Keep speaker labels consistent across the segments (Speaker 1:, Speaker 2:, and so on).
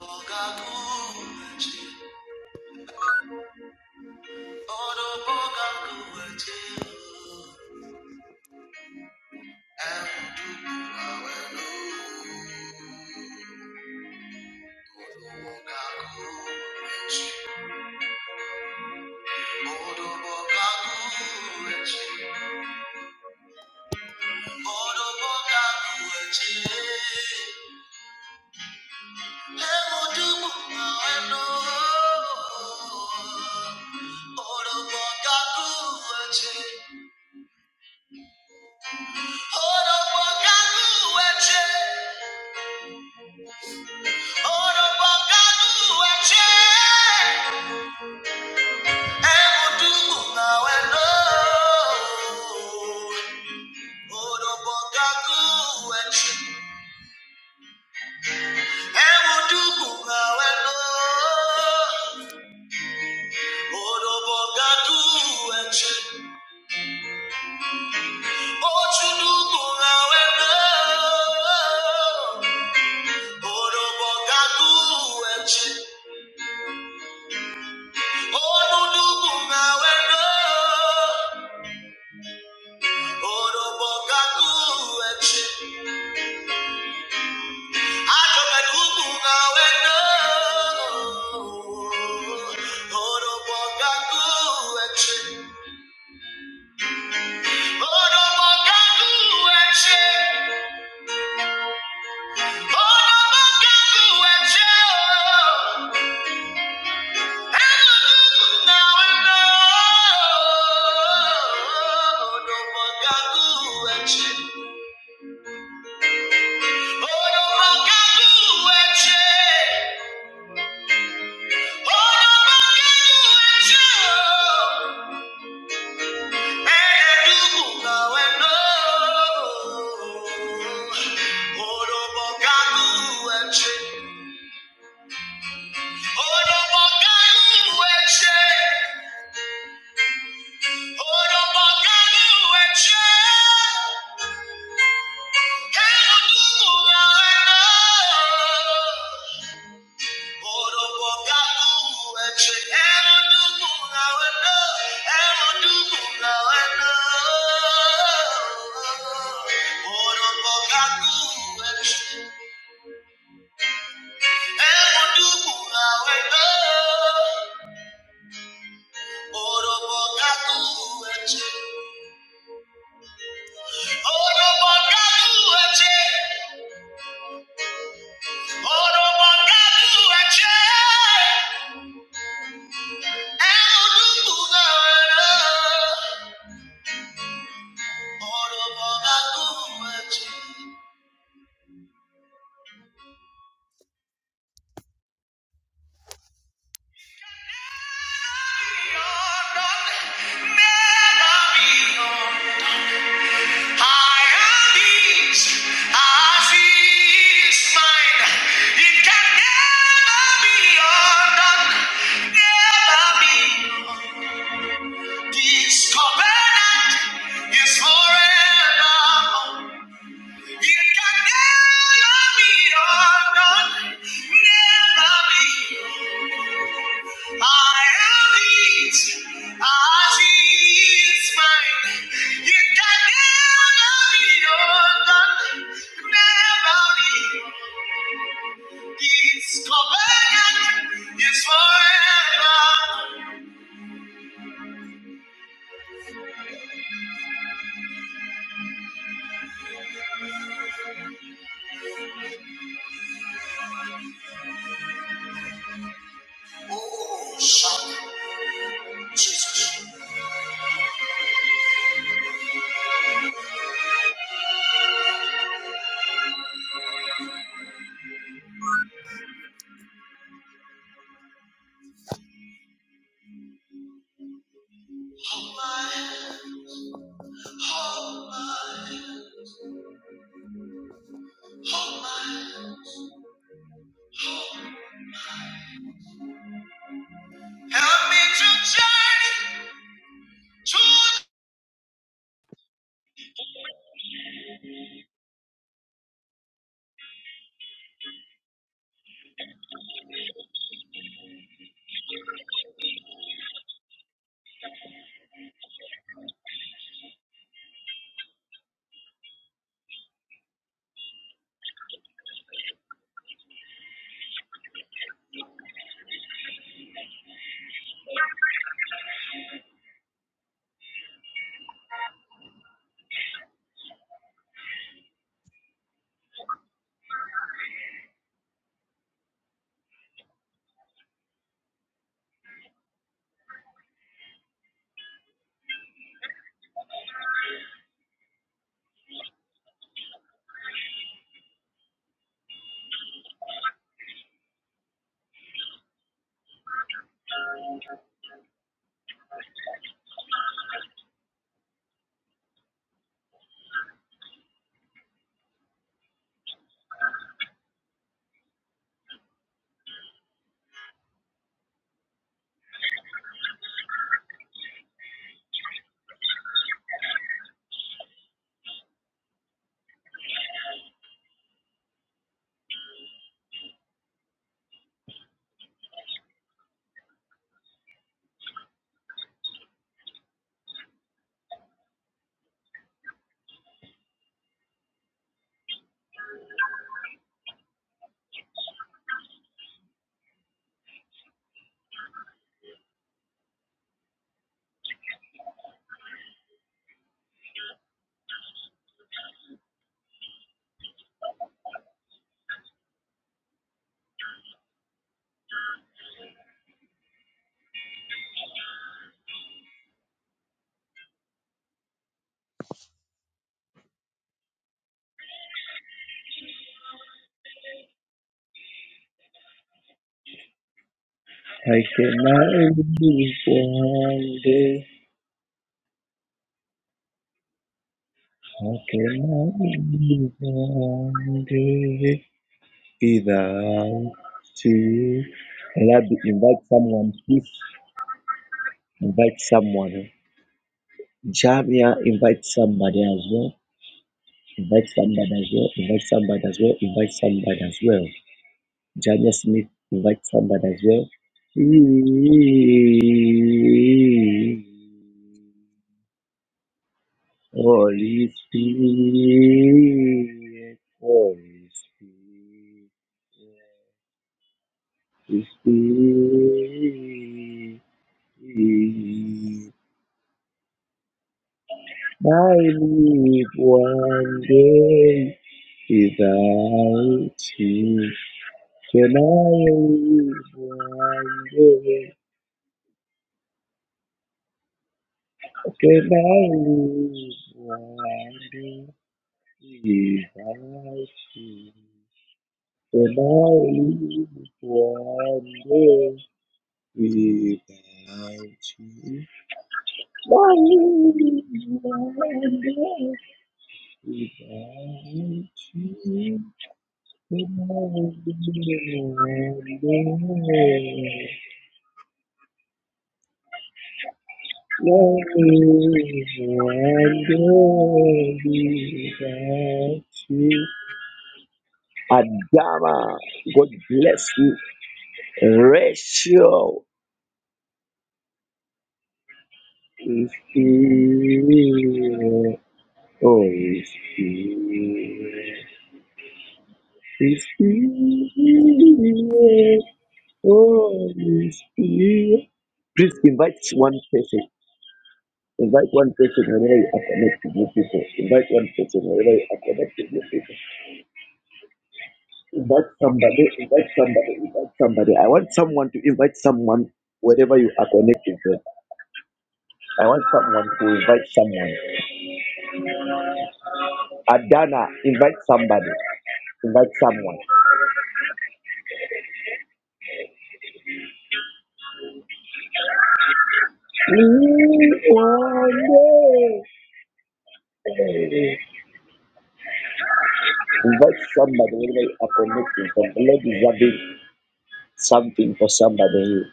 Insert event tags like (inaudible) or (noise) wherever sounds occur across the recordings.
Speaker 1: Oh, Oh, Ajoba ndugu na wendo. Orobo gangu eche. Orobo gangu eche. Orobo gangu eche. Elu ndugu na wendo. Orobo gangu eche. Orobo gangu eche. Orobo gangu eche. Oh, Thank you. I am peace. I is mine. It can never be undone. Never be. This covenant forever. It can never be undone. Never be. I cannot live one day. I cannot live one day. Either two. Rabbi, invite someone, please. Invite someone. Jamia, invite somebody as well. Invite somebody as well. Invite somebody as well. Invite somebody as well. Jamia Smith, invite somebody as well. Holy Spirit, Holy Spirit. Holy Spirit, sleep. I live one day without you. Can I live one day? Can I live one day without you? Can I live one day without you? Can I live one day without you? Adama, God bless you. Rachel is here. Oh, is here. Is here. Oh, is here. Please invite one person. Invite one person wherever you are connected with people. Invite one person wherever you are connected with people. Invite somebody, invite somebody, invite somebody. I want someone to invite someone wherever you are connected with. I want someone to invite someone. Adana, invite somebody. Invite someone. Invite somebody wherever you are connected. The Lord is having something for somebody.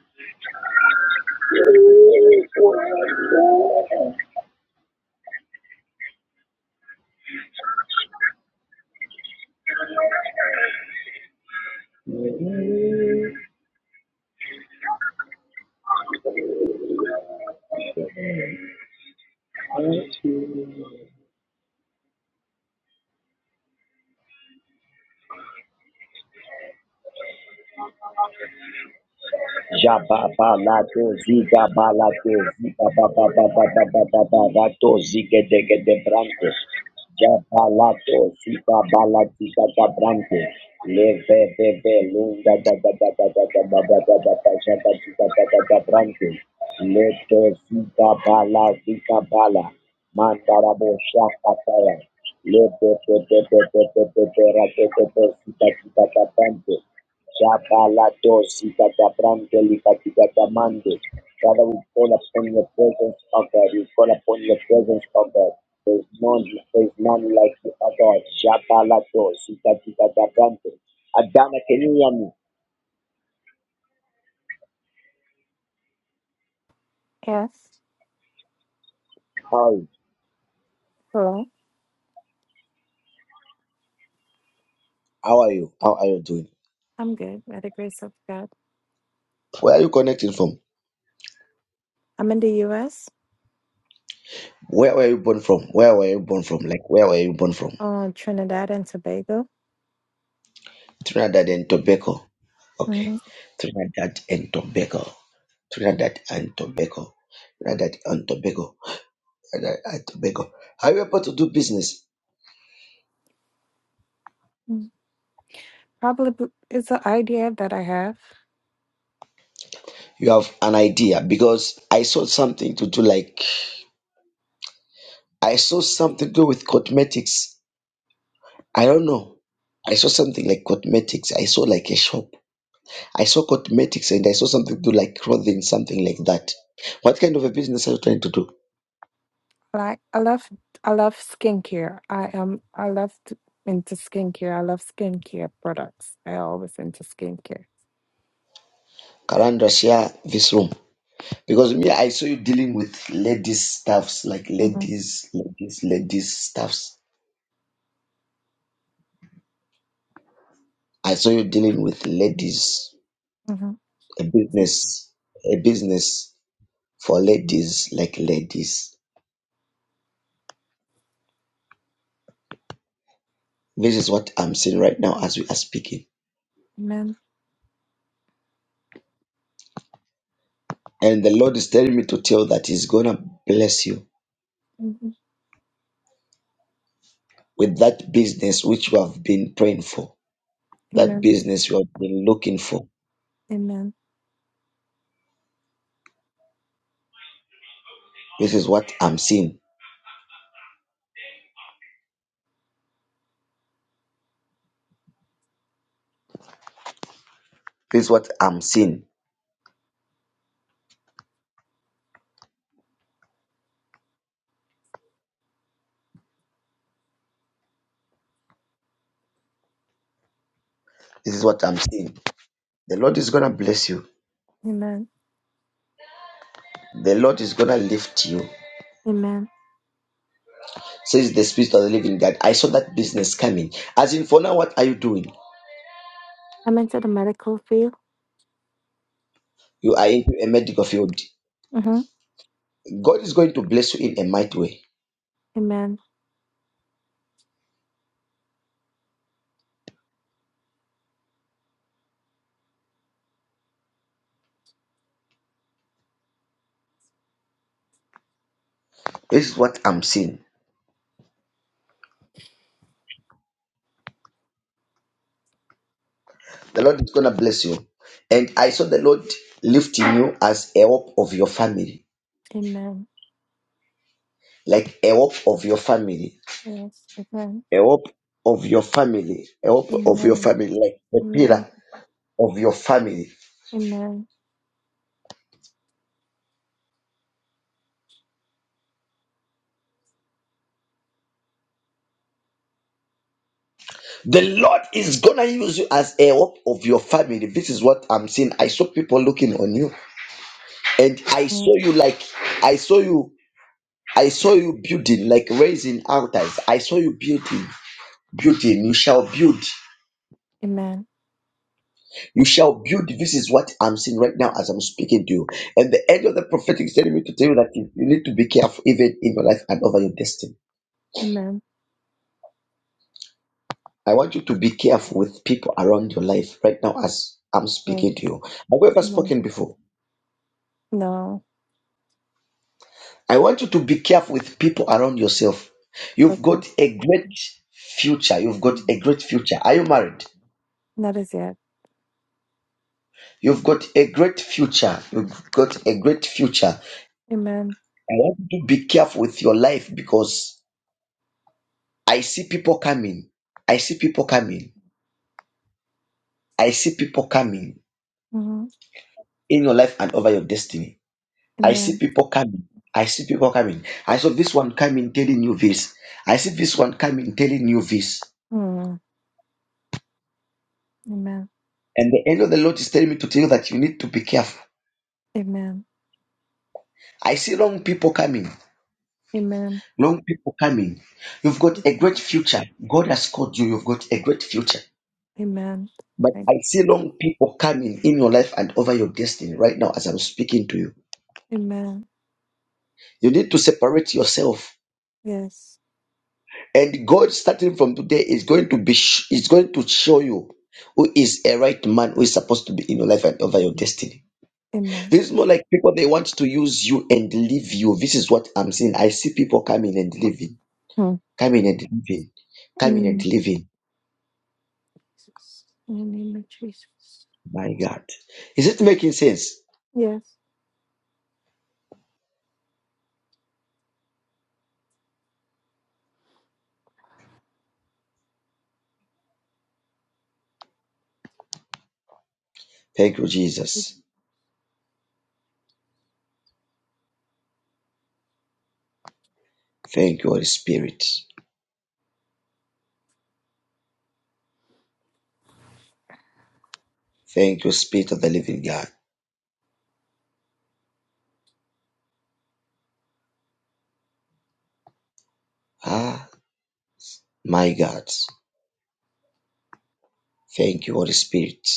Speaker 1: Jababalato ziga balato ziga ba ba ba ba ba ba ba ba rato zige dege de branco. Jabalato ziga balati da branco. Leve bebe lunga da da da da da da da da da da da jaba ziga da da da branco. Leto ziga bala ziga bala. Mandarabo shaka taya. Leto te te te te te te te ziga ziga da branco. Shakaladosikatabrantelipatikatamandu. Father, we call upon your presence, O God. We call upon your presence, O God. There's none, there's none like you, O God. Shakaladosikatikatabrantu. Adana, can you hear me?
Speaker 2: Yes.
Speaker 1: Hi.
Speaker 2: Hello.
Speaker 1: How are you? How are you doing?
Speaker 2: I'm good. By the grace of God.
Speaker 1: Where are you connecting from?
Speaker 2: I'm in the U.S.
Speaker 1: Where were you born from? Where were you born from? Like, where were you born from?
Speaker 2: on Trinidad and Tobago.
Speaker 1: Trinidad and Tobago. Okay.
Speaker 2: Mhm.
Speaker 1: Trinidad and Tobago. Trinidad and Tobago. Trinidad and Tobago. and I, I- Tobago. Are you able to do business?
Speaker 2: mm Probably b- it's an idea that I have.
Speaker 1: You have an idea because I saw something to do like I saw something to do with cosmetics. I don't know. I saw something like cosmetics. I saw like a shop. I saw cosmetics and I saw something to do like clothing, something like that. What kind of a business are you trying to do?
Speaker 2: Like I love, I love skincare. I am. I love to, into skincare. I love skincare products. I always into skincare.
Speaker 1: Karandra, share this room because me, I saw you dealing with ladies stuffs, like
Speaker 2: Mm-hmm.
Speaker 1: ladies, ladies, ladies stuffs. I saw you dealing with ladies
Speaker 2: Mm-hmm.
Speaker 1: a business a business for ladies like ladies this is what i'm seeing right now as we are speaking
Speaker 2: Amen.
Speaker 1: and the lord is telling me to tell that he's gonna bless you
Speaker 2: hmm
Speaker 1: with that business which you have been praying for that
Speaker 2: Amen.
Speaker 1: business you have been looking for
Speaker 2: Amen.
Speaker 1: this is what i'm seeing this is what i'm seeing this is what i'm seeing the lord is gonna bless you
Speaker 2: Amen.
Speaker 1: the lord is gonna lift you
Speaker 2: Amen.
Speaker 1: says the spirit of the living god i saw that business coming as in for now what are you doing
Speaker 2: I'm into the medical field.
Speaker 1: you are into a medical field
Speaker 2: Mm-hmm.
Speaker 1: God is going to bless you in a mighty way.
Speaker 2: Amen.
Speaker 1: This is what I'm seeing. The Lord is going to bless you. And I saw the Lord lifting you as a hope of your family,
Speaker 2: Amen.
Speaker 1: like a hope of your family,
Speaker 2: Yes. Amen.
Speaker 1: a hope of your family, a hope of your
Speaker 2: Amen.
Speaker 1: family, like the
Speaker 2: Amen.
Speaker 1: pillar of your family.
Speaker 2: Amen.
Speaker 1: The Lord is going to use you as a hope of your family. This is what I'm seeing. I saw people looking on you, and I
Speaker 2: Yes.
Speaker 1: saw you like, I saw you. I saw you building, like raising altars. I saw you building. building you shall build
Speaker 2: Amen.
Speaker 1: you shall build this is what i'm seeing right now as i'm speaking to you and the end of the prophetic is telling me to tell you that you you need to be careful even in your life and over your destiny
Speaker 2: Amen.
Speaker 1: i want you to be careful with people around your life right now as i'm
Speaker 2: Yes.
Speaker 1: speaking to you have you ever
Speaker 2: Amen.
Speaker 1: spoken before
Speaker 2: No.
Speaker 1: i want you to be careful with people around yourself you've
Speaker 2: Okay.
Speaker 1: got a great future you've got a great future are you married
Speaker 2: Not as yet.
Speaker 1: You've got a great future. You've got a great future.
Speaker 2: Amen.
Speaker 1: I want you to be careful with your life because I see people coming. I see people coming. I see people coming
Speaker 2: hmm
Speaker 1: in your life and over your destiny. I see
Speaker 2: Amen.
Speaker 1: people coming. I see people coming. I saw this one coming telling you this. I see this one coming telling you this.
Speaker 2: Mm. Amen.
Speaker 1: And the angel of the Lord is telling me to tell you that you need to be careful.
Speaker 2: Amen.
Speaker 1: I see wrong people coming.
Speaker 2: Amen.
Speaker 1: Wrong people coming. You've got a great future. God has called you. You've got a great future.
Speaker 2: Amen.
Speaker 1: But
Speaker 2: Thank
Speaker 1: I
Speaker 2: you.
Speaker 1: see long people coming in your life and over your destiny right now as I'm speaking to you.
Speaker 2: Amen.
Speaker 1: You need to separate yourself
Speaker 2: Yes.
Speaker 1: And God, starting from today, is going to be sh- is going to show you who is a right man who is supposed to be in your life and over your destiny.
Speaker 2: Amen.
Speaker 1: This is more like people they want to use you and leave you. This is what I'm seeing. I see people coming and
Speaker 2: Mm.
Speaker 1: leaving, coming and leaving, coming and
Speaker 2: Mm.
Speaker 1: leaving.
Speaker 2: In the name of Jesus.
Speaker 1: My God, is it making sense?
Speaker 2: Yes.
Speaker 1: Thank you, Jesus. Thank you, Holy Spirit. Thank you, Spirit of the Living God. Ah, my God. Thank you, Holy Spirit.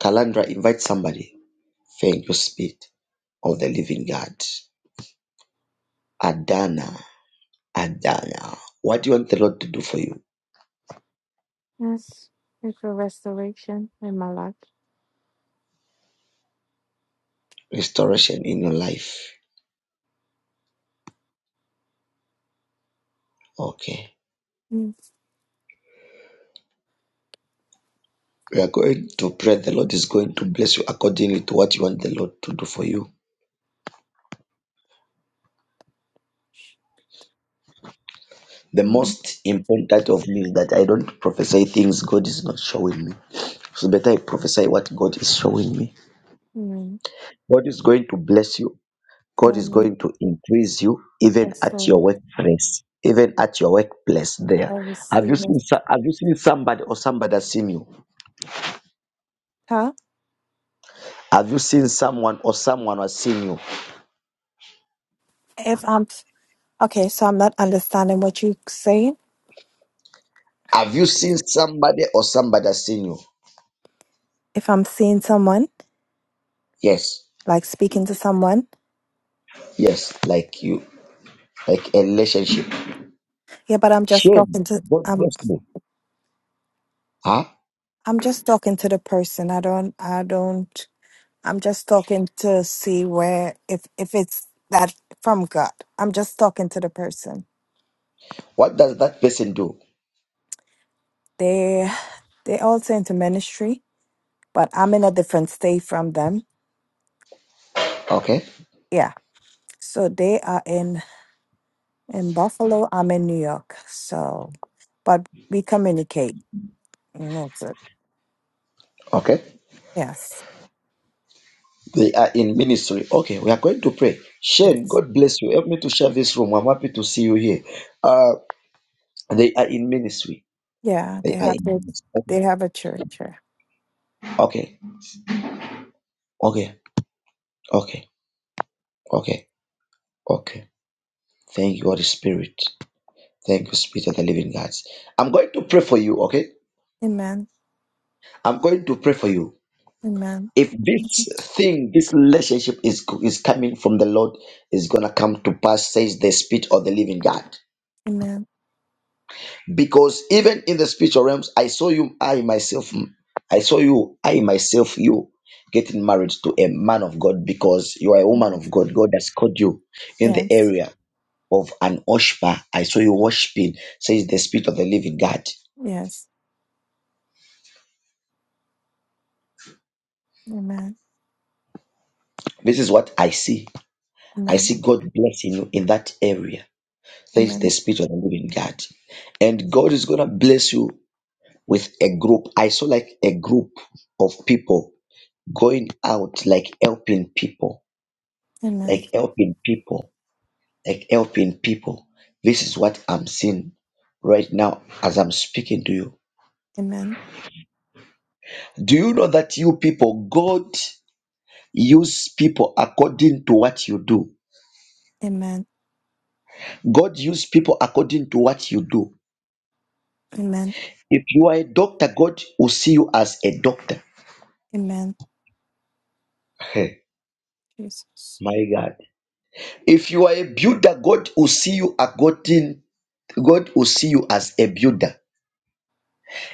Speaker 1: Kalandra, invite somebody. Thank you, Spirit. of the living God. Adana, Adana. What do you want the Lord to do for you?
Speaker 2: Yes. Pray for restoration in my life.
Speaker 1: Restoration in your life. Okay.
Speaker 2: Mm.
Speaker 1: We are going to pray. The Lord is going to bless you accordingly to what you want the Lord to do for you. The
Speaker 2: Mm.
Speaker 1: most important of me is that I don't prophesy things God is not showing me. It's better I prophesy what God is showing me.
Speaker 2: Amen.
Speaker 1: God is going to bless you God is
Speaker 2: Um,
Speaker 1: going to increase you even at your
Speaker 2: restored.
Speaker 1: workplace, even at your workplace there.
Speaker 2: I
Speaker 1: Have you
Speaker 2: receive it.
Speaker 1: seen so- have you seen somebody or somebody has seen you?
Speaker 2: Huh?
Speaker 1: Have you seen someone or someone has seen you?
Speaker 2: If I'm Okay, so I'm not understanding what you're saying.
Speaker 1: Have you seen somebody or somebody has seen you?
Speaker 2: If I'm seeing someone,
Speaker 1: Yes.
Speaker 2: like speaking to someone,
Speaker 1: Yes, like you, like a relationship.
Speaker 2: yeah, but I'm just
Speaker 1: Shame.
Speaker 2: talking to
Speaker 1: God
Speaker 2: I'm
Speaker 1: bless you. Huh?
Speaker 2: I'm just talking to the person. I don't I don't I'm just talking to see where if if it's that from God. I'm just talking to the person.
Speaker 1: What does that person do?
Speaker 2: They they also into ministry, but I'm in a different state from them.
Speaker 1: Okay.
Speaker 2: Yeah. So they are in in Buffalo, I'm in New York. So but we communicate. And That's it.
Speaker 1: Okay.
Speaker 2: Yes.
Speaker 1: They are in ministry. Okay, we are going to pray. Shane,
Speaker 2: Yes.
Speaker 1: God bless you. Help me to share this room. I'm happy to see you here. Uh, They are in ministry.
Speaker 2: Yeah,
Speaker 1: They
Speaker 2: they
Speaker 1: are
Speaker 2: have their,
Speaker 1: in
Speaker 2: they
Speaker 1: ministry.
Speaker 2: have a church. yeah.
Speaker 1: Okay. Okay. Okay. Okay. Okay. Thank you, Holy Spirit. Thank you, Spirit of the Living God. I'm going to pray for you, okay?
Speaker 2: Amen.
Speaker 1: I'm going to pray for you.
Speaker 2: Amen.
Speaker 1: If this thing, this relationship is is coming from the Lord, is gonna come to pass, says the Spirit of the Living God.
Speaker 2: Amen.
Speaker 1: because even in the spiritual realms i saw you i myself i saw you i myself you getting married to a man of god because you are a woman of
Speaker 2: Yes.
Speaker 1: god god has called you in the
Speaker 2: Yes.
Speaker 1: area of an oshpa i saw you worshiping says the spirit of the living god
Speaker 2: Yes. Amen.
Speaker 1: this is what i see i
Speaker 2: Amen.
Speaker 1: see god blessing you in that area says the
Speaker 2: Amen.
Speaker 1: spirit of the living god and god is gonna bless you with a group i saw like a group of people going out like helping people
Speaker 2: Amen.
Speaker 1: like helping people, like helping people. This is what I'm seeing right now as I'm speaking to you.
Speaker 2: Amen.
Speaker 1: Do you know that you people, God use people according to what you do?
Speaker 2: Amen.
Speaker 1: God use people according to what you do.
Speaker 2: Amen.
Speaker 1: If you are a doctor, God will see you as a doctor.
Speaker 2: Amen.
Speaker 1: Hey,
Speaker 2: Jesus.
Speaker 1: my God. If you are a builder, God will see you according God will see you as a builder.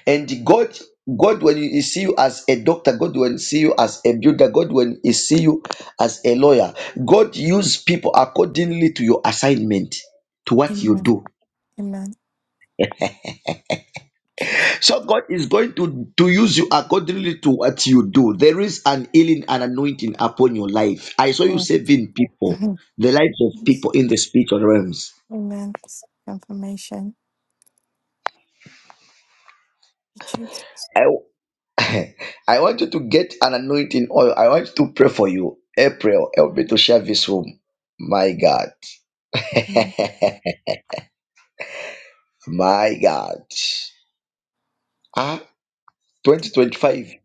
Speaker 1: And God, God, when He see you as a doctor, God will see you as a builder, God will see you as a lawyer. God use people accordingly to your assignment, to what you
Speaker 2: Amen.
Speaker 1: do.
Speaker 2: Amen. Jesus.
Speaker 1: So God is going to, to use you accordingly to what you do. There is an healing and anointing upon your life. I saw
Speaker 2: (laughs)
Speaker 1: you saving people,
Speaker 2: Amen.
Speaker 1: the lives of people in the spiritual realms.
Speaker 2: Amen. Confirmation. Jesus.
Speaker 1: I, (laughs) I want you to get an anointing oil. I want you to pray for you. April, help me to share this room. My God. (laughs) My God. Ah, 2025.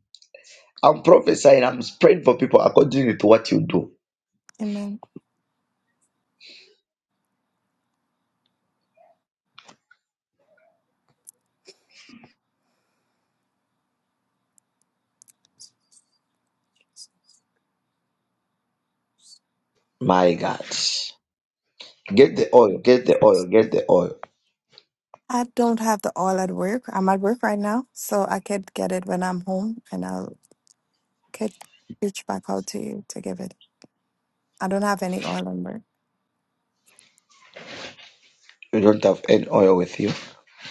Speaker 1: I'm prophesying, I'm praying for people according to what you do.
Speaker 2: Amen.
Speaker 1: My God. Get the oil, get the oil, get the oil.
Speaker 2: I don't have the oil at work. I'm at work right now, so I could get it when I'm home and I'll could reach back out to you to give it. I don't have any oil on work.
Speaker 1: You don't have any oil with you.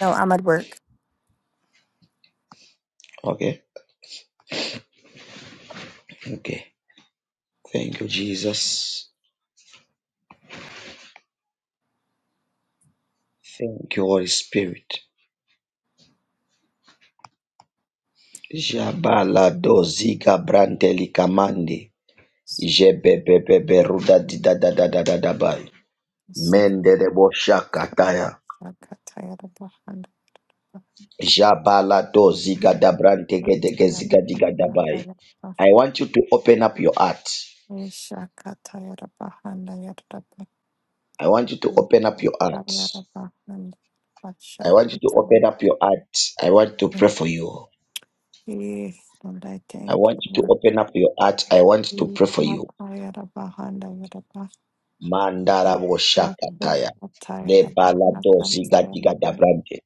Speaker 2: No, I'm at work.
Speaker 1: Okay. Okay. Thank you, Jesus. Thank you, Holy Spirit. Jabala doziga branteli kamandi.
Speaker 2: S-
Speaker 1: Jebebebebe ruda dida da da da da da bai.
Speaker 2: so-
Speaker 1: Mende de boshaka taya.
Speaker 2: I got tired of the hand. I
Speaker 1: Jabalado zigadabrante
Speaker 2: got
Speaker 1: gedege
Speaker 2: tired of the hand. I
Speaker 1: zigadigadabai.
Speaker 2: got the-
Speaker 1: I want you to open up your heart.
Speaker 2: Yes, I got tired of the hand. I got the- I
Speaker 1: I want you to open up
Speaker 2: got
Speaker 1: your heart.
Speaker 2: tired of the hand. But
Speaker 1: I
Speaker 2: shut
Speaker 1: want you
Speaker 2: it
Speaker 1: to
Speaker 2: down.
Speaker 1: open up your heart. I want to pray for you.
Speaker 2: Yeah. Don't I
Speaker 1: I
Speaker 2: think?
Speaker 1: want you to open up your heart. I want
Speaker 2: Rapa
Speaker 1: to pray for you. Mandara Shakataya. Lebalado zigadigadabrante.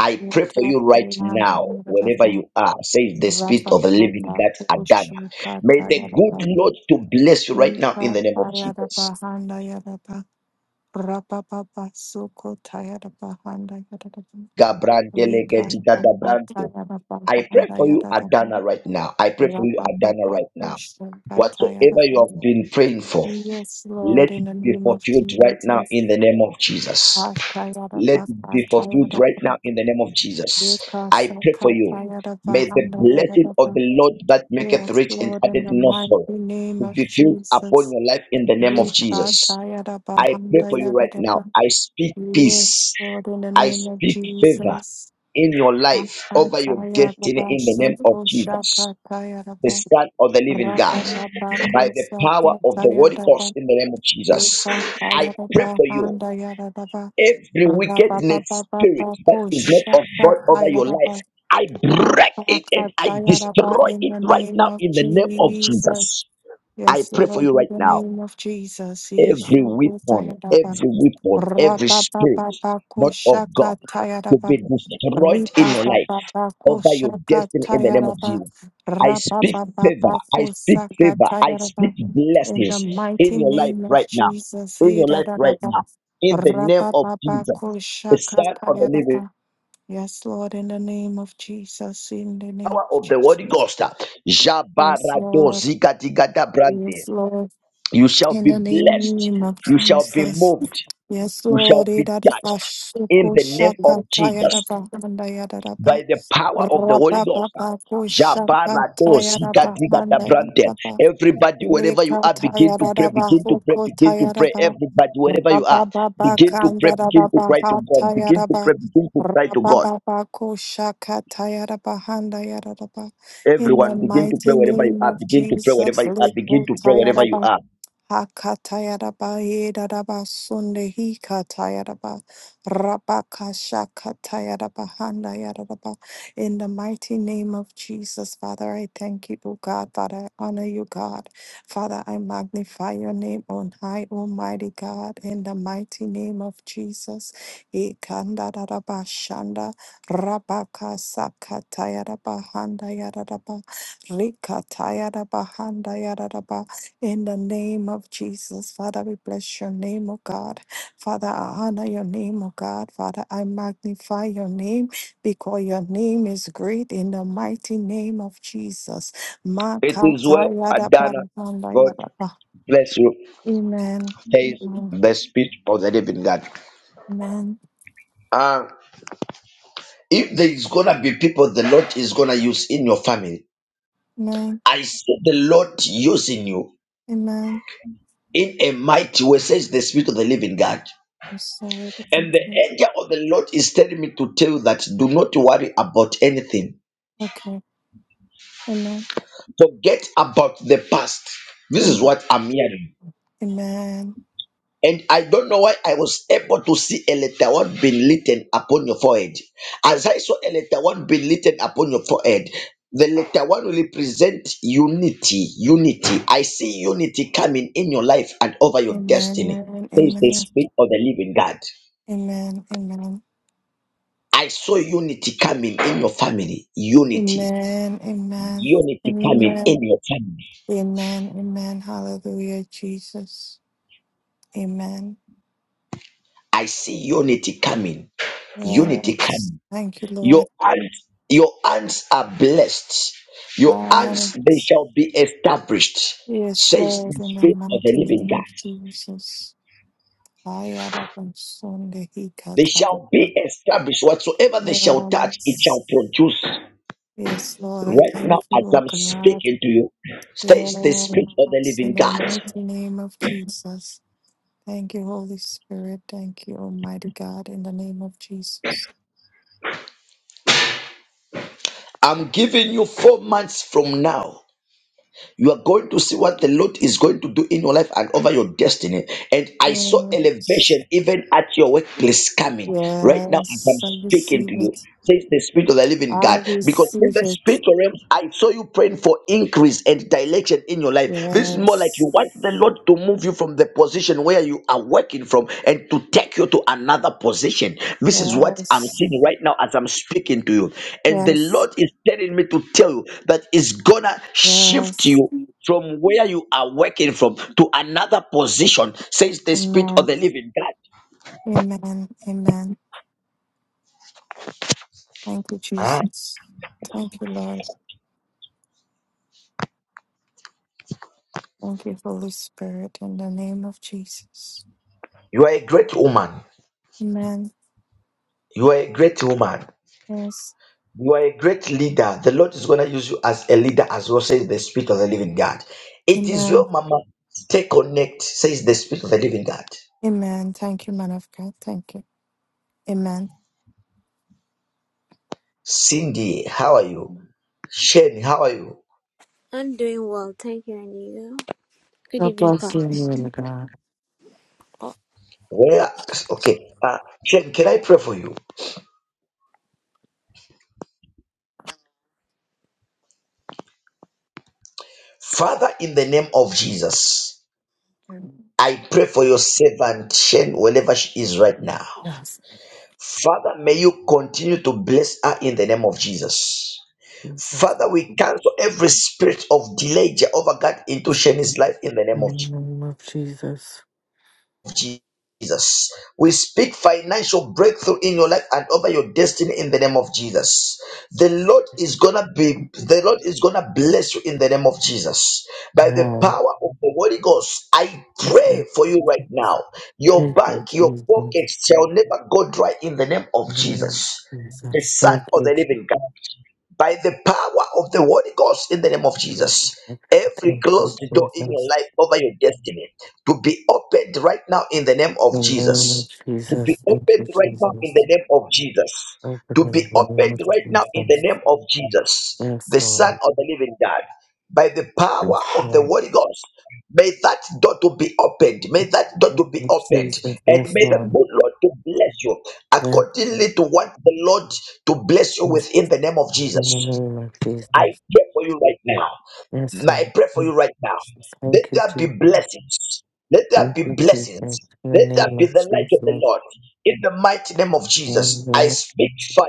Speaker 1: I pray for you right now, wherever you are, says the Spirit of the Living God, Adana. May the good Lord to bless you right now in the name of Jesus. Gabrandelegedigadabrante. I pray for you, Adana, right now. I pray for you, Adana, right now. Whatsoever you have been praying for,
Speaker 2: Yes,
Speaker 1: let
Speaker 2: Lord, in
Speaker 1: it
Speaker 2: the
Speaker 1: be
Speaker 2: name of
Speaker 1: fulfilled right now
Speaker 2: Jesus.
Speaker 1: in the name of Jesus. Let
Speaker 2: Atayaraba,
Speaker 1: it be fulfilled right now
Speaker 2: atayaraba,
Speaker 1: in the name of Jesus. I
Speaker 2: yekasa,
Speaker 1: pray for you. May
Speaker 2: katayaraba,
Speaker 1: the blessing of
Speaker 2: handayaraba.
Speaker 1: the Lord that maketh
Speaker 2: Yes,
Speaker 1: rich and
Speaker 2: Lord, in
Speaker 1: addeth
Speaker 2: the
Speaker 1: no
Speaker 2: mighty
Speaker 1: sorrow
Speaker 2: name of
Speaker 1: be filled upon
Speaker 2: Jesus.
Speaker 1: your life in the name of Jesus.
Speaker 2: Yekatayaraba,
Speaker 1: I pray for you right now.
Speaker 2: handayaraba.
Speaker 1: I speak
Speaker 2: Yes,
Speaker 1: peace.
Speaker 2: Lord, in the
Speaker 1: I
Speaker 2: name of
Speaker 1: speak favor
Speaker 2: Jesus.
Speaker 1: in your life, over your destiny
Speaker 2: Atayaraba,
Speaker 1: in the name of
Speaker 2: soko,
Speaker 1: Jesus, the
Speaker 2: shakatayaraba.
Speaker 1: Son of the Living God,
Speaker 2: Rabababa,
Speaker 1: by the
Speaker 2: gosa,
Speaker 1: power of the Holy Ghost
Speaker 2: katayaraba.
Speaker 1: in the name of Jesus. I pray
Speaker 2: Yekatayaraba,
Speaker 1: for you.
Speaker 2: handayaraba.
Speaker 1: Every
Speaker 2: In the
Speaker 1: wickedness spirit that is not of God over your life, I break it and I destroy it right
Speaker 2: name
Speaker 1: now
Speaker 2: of
Speaker 1: in the name of
Speaker 2: Jesus.
Speaker 1: Jesus. I
Speaker 2: Yes,
Speaker 1: pray for
Speaker 2: Lord,
Speaker 1: you
Speaker 2: in
Speaker 1: right
Speaker 2: the
Speaker 1: now.
Speaker 2: name of Jesus. Yes,
Speaker 1: Every
Speaker 2: Lord,
Speaker 1: weapon, every weapon, every
Speaker 2: Rabba
Speaker 1: spirit
Speaker 2: Baba
Speaker 1: not of God to
Speaker 2: Kushaka
Speaker 1: be destroyed in
Speaker 2: Riba
Speaker 1: your life
Speaker 2: baba bako
Speaker 1: over your
Speaker 2: shaka
Speaker 1: destiny in the name of
Speaker 2: tayaraba.
Speaker 1: Jesus. I
Speaker 2: Raba
Speaker 1: speak
Speaker 2: baba
Speaker 1: favor. I
Speaker 2: bako
Speaker 1: speak
Speaker 2: saka
Speaker 1: favor. I
Speaker 2: tayaraba.
Speaker 1: speak
Speaker 2: In the
Speaker 1: blessings
Speaker 2: mighty
Speaker 1: in your life
Speaker 2: name of
Speaker 1: right now.
Speaker 2: Jesus,
Speaker 1: In
Speaker 2: he
Speaker 1: your
Speaker 2: da
Speaker 1: life
Speaker 2: da da
Speaker 1: right
Speaker 2: ba.
Speaker 1: now. In the name
Speaker 2: Raba
Speaker 1: of
Speaker 2: baba
Speaker 1: Jesus,
Speaker 2: ko
Speaker 1: the
Speaker 2: shaka
Speaker 1: Son of the Living
Speaker 2: tayaraba. Yes, Lord, in the name of Jesus, in the name
Speaker 1: Power
Speaker 2: of
Speaker 1: of the
Speaker 2: Jesus.
Speaker 1: Holy Ghost.
Speaker 2: Yes,
Speaker 1: Jabarado
Speaker 2: Lord.
Speaker 1: zikatigata
Speaker 2: Yes,
Speaker 1: brande.
Speaker 2: Lord.
Speaker 1: You shall
Speaker 2: In
Speaker 1: be
Speaker 2: the
Speaker 1: blessed.
Speaker 2: name of
Speaker 1: You shall be
Speaker 2: Jesus.
Speaker 1: moved.
Speaker 2: Yes,
Speaker 1: You shall
Speaker 2: Lord.
Speaker 1: be
Speaker 2: Idadaba
Speaker 1: touched in
Speaker 2: shuko
Speaker 1: the name of
Speaker 2: shaka
Speaker 1: Jesus.
Speaker 2: tayadaba handa yadadaba.
Speaker 1: by the power of the Holy Ghost.
Speaker 2: Rabababa ko shaka
Speaker 1: Jabarado, zika,
Speaker 2: tayadaba
Speaker 1: diga, da,
Speaker 2: handa
Speaker 1: brante.
Speaker 2: yadadaba.
Speaker 1: Everybody, wherever you
Speaker 2: Leka
Speaker 1: are, begin to pray,
Speaker 2: tayadadaba
Speaker 1: begin to pray,
Speaker 2: huko
Speaker 1: begin to pray.
Speaker 2: tayadaba.
Speaker 1: Everybody, wherever you are,
Speaker 2: Rabababa
Speaker 1: begin to pray, begin to
Speaker 2: kandadadaba
Speaker 1: cry to
Speaker 2: ha
Speaker 1: God, begin to
Speaker 2: tayadaba.
Speaker 1: pray, begin to cry to God.
Speaker 2: Rabababa ko shaka tayadaba handa yadadaba. In the mighty name of Jesus, Leko tayadaba. Hakatayaraba Yedaraba Sunde Hikatayaraba Rabakasha Katayaraba Handa Yaraba. In the mighty name of Jesus, Father, I thank you, O God. Father, I honor you, God. Father, I magnify your name on high, Almighty God. In the mighty name of Jesus. Ikandaraba Shanda Rabakasa Katayaraba Handa Yaraba Rikatayaraba Handa Yaraba. In the name of Jesus, Father, we bless your name, O God. Father, I honor your name, O God. Father, I magnify your name because your name is great in the mighty name of Jesus.
Speaker 1: It is well, Adana. God
Speaker 2: Makatayadabanandayadaba.
Speaker 1: bless you.
Speaker 2: Amen.
Speaker 1: There is
Speaker 2: Amen.
Speaker 1: the speech of the living God.
Speaker 2: Amen.
Speaker 1: Uh, if there is gonna be people the Lord is gonna use in your family,
Speaker 2: Amen.
Speaker 1: I see the Lord using you
Speaker 2: Amen.
Speaker 1: in a mighty way, says the Spirit of the Living God.
Speaker 2: I'm sorry, but thank
Speaker 1: And the
Speaker 2: you.
Speaker 1: angel of the Lord is telling me to tell you that do not worry about anything.
Speaker 2: Okay. Amen.
Speaker 1: Forget about the past. This is
Speaker 2: Amen.
Speaker 1: what I'm hearing.
Speaker 2: Amen.
Speaker 1: And I don't know why I was able to see a letter one being written upon your forehead. As I saw a letter one being written upon your forehead, the letter one will represent unity. Unity. I see unity coming in your life and over your destiny.
Speaker 2: Amen.
Speaker 1: There is the
Speaker 2: Amen.
Speaker 1: spirit of the living God.
Speaker 2: Amen. Amen.
Speaker 1: I saw unity coming in your family. Unity
Speaker 2: Amen. Amen.
Speaker 1: Unity coming
Speaker 2: Amen.
Speaker 1: in your family.
Speaker 2: Amen. Amen. Hallelujah, Jesus. Amen.
Speaker 1: I see unity coming. Unity
Speaker 2: Yes.
Speaker 1: coming.
Speaker 2: Thank you,
Speaker 1: Your
Speaker 2: Lord.
Speaker 1: hands, your hands are blessed. Your
Speaker 2: Ah,
Speaker 1: hands, they shall be established,
Speaker 2: yes,
Speaker 1: says
Speaker 2: Lord,
Speaker 1: the
Speaker 2: in the
Speaker 1: Spirit of the
Speaker 2: mighty
Speaker 1: living
Speaker 2: name
Speaker 1: God.
Speaker 2: of Jesus. Ayarabansundehi
Speaker 1: They shall
Speaker 2: katarabba.
Speaker 1: be established. Whatsoever they shall touch, it shall
Speaker 2: Yes.
Speaker 1: produce.
Speaker 2: Yes, Lord, I
Speaker 1: Right now,
Speaker 2: thank you,
Speaker 1: as
Speaker 2: O
Speaker 1: I'm
Speaker 2: God.
Speaker 1: speaking to you, says the Spirit of the
Speaker 2: Yes,
Speaker 1: living
Speaker 2: in the
Speaker 1: God.
Speaker 2: mighty name of Jesus. Thank you, Holy Spirit. Thank you, Almighty God, in the name of Jesus.
Speaker 1: I'm giving you four months from now. You are going to see what the Lord is going to do in your life and over your destiny. And I saw elevation
Speaker 2: Yes,
Speaker 1: even at your workplace coming right now as
Speaker 2: yes,
Speaker 1: I'm
Speaker 2: I
Speaker 1: speaking to
Speaker 2: receive
Speaker 1: you.
Speaker 2: it.
Speaker 1: Says the spirit of the living
Speaker 2: I
Speaker 1: God. Because in
Speaker 2: receive
Speaker 1: the
Speaker 2: it.
Speaker 1: spiritual realms, I saw you praying for increase and direction in your life. This is more like you
Speaker 2: Yes,
Speaker 1: want the Lord to move move you from the position where you are working from and to take you to another position. This is what I'm
Speaker 2: yes,
Speaker 1: seeing right now as I'm speaking to you. And the
Speaker 2: yes,
Speaker 1: Lord is telling me to tell you that it's gonna shift
Speaker 2: yes.
Speaker 1: you from where you are working from to another position, says the Spirit of
Speaker 2: Amen,
Speaker 1: the Living God.
Speaker 2: amen, amen. Thank you,
Speaker 1: Ah,
Speaker 2: Jesus. Thank you, Lord. Thank you, Holy Spirit, in the name of Jesus.
Speaker 1: you are a great woman.
Speaker 2: Amen.
Speaker 1: You are a great woman.
Speaker 2: Yes,
Speaker 1: You are a great leader. The Lord is going to use you as a leader, as well, says the Spirit of the Living God. It is
Speaker 2: amen,
Speaker 1: well, Mama. Stay connect, says the Spirit of the Living God.
Speaker 2: amen. Thank you, man of God. Thank you. Amen.
Speaker 1: Cindy, how are you? Shane, how are you?
Speaker 3: I'm doing well, thank you, and you? Good
Speaker 4: God
Speaker 3: evening,
Speaker 4: bless you,
Speaker 3: Prophet.
Speaker 4: Lord God.
Speaker 1: Where? Okay. Uh, Shane, can I pray for you? Father, in the name of Jesus, I pray for your servant, Shane, wherever she is right now.
Speaker 4: Yes,
Speaker 1: Father, may you continue to bless her in the name of Jesus.
Speaker 4: Jesus.
Speaker 1: Father, we cancel every spirit of delay, Jehovah God, into Shani's life in the name
Speaker 4: In the
Speaker 1: of
Speaker 4: name of Jesus.
Speaker 1: of Jesus. We speak financial breakthrough in your life and over your destiny in the name of Jesus. The Lord is gonna be the Lord is gonna bless you in the name of Jesus. By the
Speaker 4: Amen.
Speaker 1: power of the Holy Ghost, I
Speaker 4: Thank you.
Speaker 1: pray for you right
Speaker 4: Jesus.
Speaker 1: now. Your
Speaker 4: Thank you,
Speaker 1: bank, your
Speaker 4: Jesus. In
Speaker 1: pockets shall never go dry in the name
Speaker 4: the
Speaker 1: of
Speaker 4: name
Speaker 1: Jesus,
Speaker 4: of
Speaker 1: the
Speaker 4: Jesus.
Speaker 1: Son
Speaker 4: Thank
Speaker 1: of the
Speaker 4: you,
Speaker 1: Living
Speaker 4: Jesus.
Speaker 1: God by the power of the Holy Ghost in the name of Jesus.
Speaker 4: Thank
Speaker 1: Every
Speaker 4: you,
Speaker 1: closed door in your
Speaker 4: Jesus.
Speaker 1: life over your destiny to be opened right now in the name of
Speaker 4: In the name of
Speaker 1: Jesus. To be
Speaker 4: Jesus. Thank
Speaker 1: opened
Speaker 4: you,
Speaker 1: right now in
Speaker 4: Jesus.
Speaker 1: the name of Jesus.
Speaker 4: Open
Speaker 1: To
Speaker 4: in
Speaker 1: be
Speaker 4: the name of
Speaker 1: opened right now in the
Speaker 4: Jesus.
Speaker 1: name of Jesus,
Speaker 4: Yes,
Speaker 1: the Son
Speaker 4: Lord.
Speaker 1: of the Living God. By the power
Speaker 4: Yes,
Speaker 1: of the
Speaker 4: Lord.
Speaker 1: Holy Ghost, may that door to be opened. May
Speaker 4: In
Speaker 1: that
Speaker 4: the
Speaker 1: door
Speaker 4: name
Speaker 1: to be
Speaker 4: of
Speaker 1: opened.
Speaker 4: Jesus.
Speaker 1: And
Speaker 4: Yes,
Speaker 1: may the
Speaker 4: Lord.
Speaker 1: good Lord to bless you
Speaker 4: Yes.
Speaker 1: accordingly to what the Lord to bless you
Speaker 4: In
Speaker 1: with in the name of
Speaker 4: the
Speaker 1: Jesus.
Speaker 4: name of
Speaker 1: I
Speaker 4: Jesus.
Speaker 1: pray for you right now.
Speaker 4: Yes,
Speaker 1: Now, I
Speaker 4: Lord.
Speaker 1: pray for you right now. Let
Speaker 4: Thank you,
Speaker 1: there
Speaker 4: Jesus.
Speaker 1: be blessings. Let there
Speaker 4: Thank
Speaker 1: be
Speaker 4: you, Jesus.
Speaker 1: blessings.
Speaker 4: In the
Speaker 1: Let there
Speaker 4: name
Speaker 1: be
Speaker 4: of
Speaker 1: the light of the
Speaker 4: Jesus.
Speaker 1: Lord. In the mighty name of Jesus, I
Speaker 4: Amen.
Speaker 1: speak fire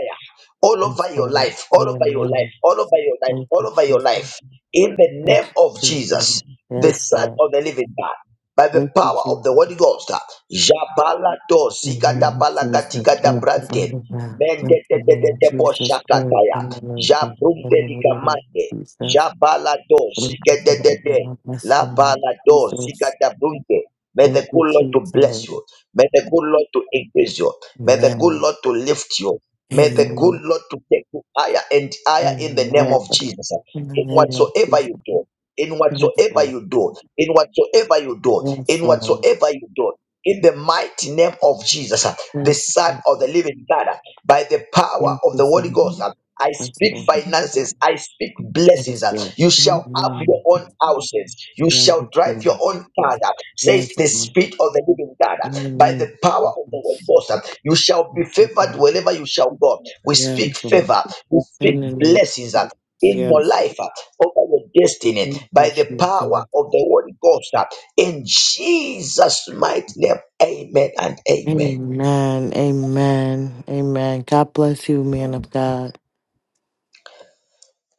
Speaker 1: all
Speaker 4: And
Speaker 1: over your
Speaker 4: so,
Speaker 1: life, all over your life,
Speaker 4: amen.
Speaker 1: all over your life,
Speaker 4: Thank
Speaker 1: all
Speaker 4: you,
Speaker 1: over your
Speaker 4: Jesus.
Speaker 1: life. In the
Speaker 4: Thank
Speaker 1: name
Speaker 4: you,
Speaker 1: of
Speaker 4: Jesus.
Speaker 1: Jesus, the
Speaker 4: Yes,
Speaker 1: Son
Speaker 4: Lord.
Speaker 1: of the Living God by the
Speaker 4: Thank you,
Speaker 1: power of
Speaker 4: Jesus.
Speaker 1: the Holy Ghost. Jabala do
Speaker 4: In the name
Speaker 1: zigada
Speaker 4: of
Speaker 1: balaga
Speaker 4: Jesus. Thank
Speaker 1: digada
Speaker 4: you,
Speaker 1: brante.
Speaker 4: Father God.
Speaker 1: Mende
Speaker 4: Thank
Speaker 1: de
Speaker 4: you,
Speaker 1: de de
Speaker 4: Lord
Speaker 1: de bo
Speaker 4: Jesus. Glory
Speaker 1: shakataya.
Speaker 4: to the Lord God.
Speaker 1: Jabrunte
Speaker 4: In the name of
Speaker 1: ligamande.
Speaker 4: Jesus.
Speaker 1: Jabala do
Speaker 4: Thank you,
Speaker 1: zigada
Speaker 4: Father
Speaker 1: de
Speaker 4: God.
Speaker 1: de.
Speaker 4: God Bless you,
Speaker 1: La
Speaker 4: Lord
Speaker 1: bala do
Speaker 4: Jesus.
Speaker 1: zigada brunte. May the
Speaker 4: Thank you,
Speaker 1: good Lord to
Speaker 4: Jesus.
Speaker 1: bless you. May the good Lord to increase you. May the good
Speaker 4: Amen.
Speaker 1: Lord to lift you. May the
Speaker 4: Amen.
Speaker 1: good Lord to take you higher and higher in the name
Speaker 4: Amen.
Speaker 1: of Jesus.
Speaker 4: In the
Speaker 1: In
Speaker 4: name of
Speaker 1: whatsoever
Speaker 4: Jesus,
Speaker 1: you do, in
Speaker 4: yes,
Speaker 1: whatsoever
Speaker 4: Lord.
Speaker 1: you do, in whatsoever you do,
Speaker 4: Yes,
Speaker 1: in
Speaker 4: Lord.
Speaker 1: whatsoever you do, in the mighty name of Jesus, the
Speaker 4: Yes,
Speaker 1: Son
Speaker 4: Lord.
Speaker 1: of the Living God, by the power
Speaker 4: Yes,
Speaker 1: of the Holy
Speaker 4: Lord.
Speaker 1: Ghost. I
Speaker 4: Yes,
Speaker 1: speak
Speaker 4: Lord.
Speaker 1: finances. I speak blessings.
Speaker 4: Yes,
Speaker 1: You
Speaker 4: Lord. In
Speaker 1: shall
Speaker 4: the
Speaker 1: have your
Speaker 4: name of
Speaker 1: own
Speaker 4: Jesus.
Speaker 1: houses. You shall
Speaker 4: Yes,
Speaker 1: drive your
Speaker 4: Lord.
Speaker 1: own car. Says
Speaker 4: Yes,
Speaker 1: the
Speaker 4: Lord.
Speaker 1: Spirit of the Living God
Speaker 4: In the
Speaker 1: by
Speaker 4: name
Speaker 1: the power of
Speaker 4: of
Speaker 1: the Holy
Speaker 4: Jesus.
Speaker 1: Ghost. uh, You shall be
Speaker 4: Thank you,
Speaker 1: favored
Speaker 4: Lord.
Speaker 1: wherever you shall go. We
Speaker 4: Yes,
Speaker 1: speak
Speaker 4: Lord.
Speaker 1: favor, we speak
Speaker 4: In the name of
Speaker 1: blessings
Speaker 4: Jesus.
Speaker 1: that in your
Speaker 4: Yes.
Speaker 1: life, uh, over your destiny,
Speaker 4: Thank you,
Speaker 1: by the power
Speaker 4: Jesus.
Speaker 1: of the Holy Ghost, uh, in Jesus' mighty name, amen and amen.
Speaker 4: Amen. Amen. Amen. God bless you, man of God.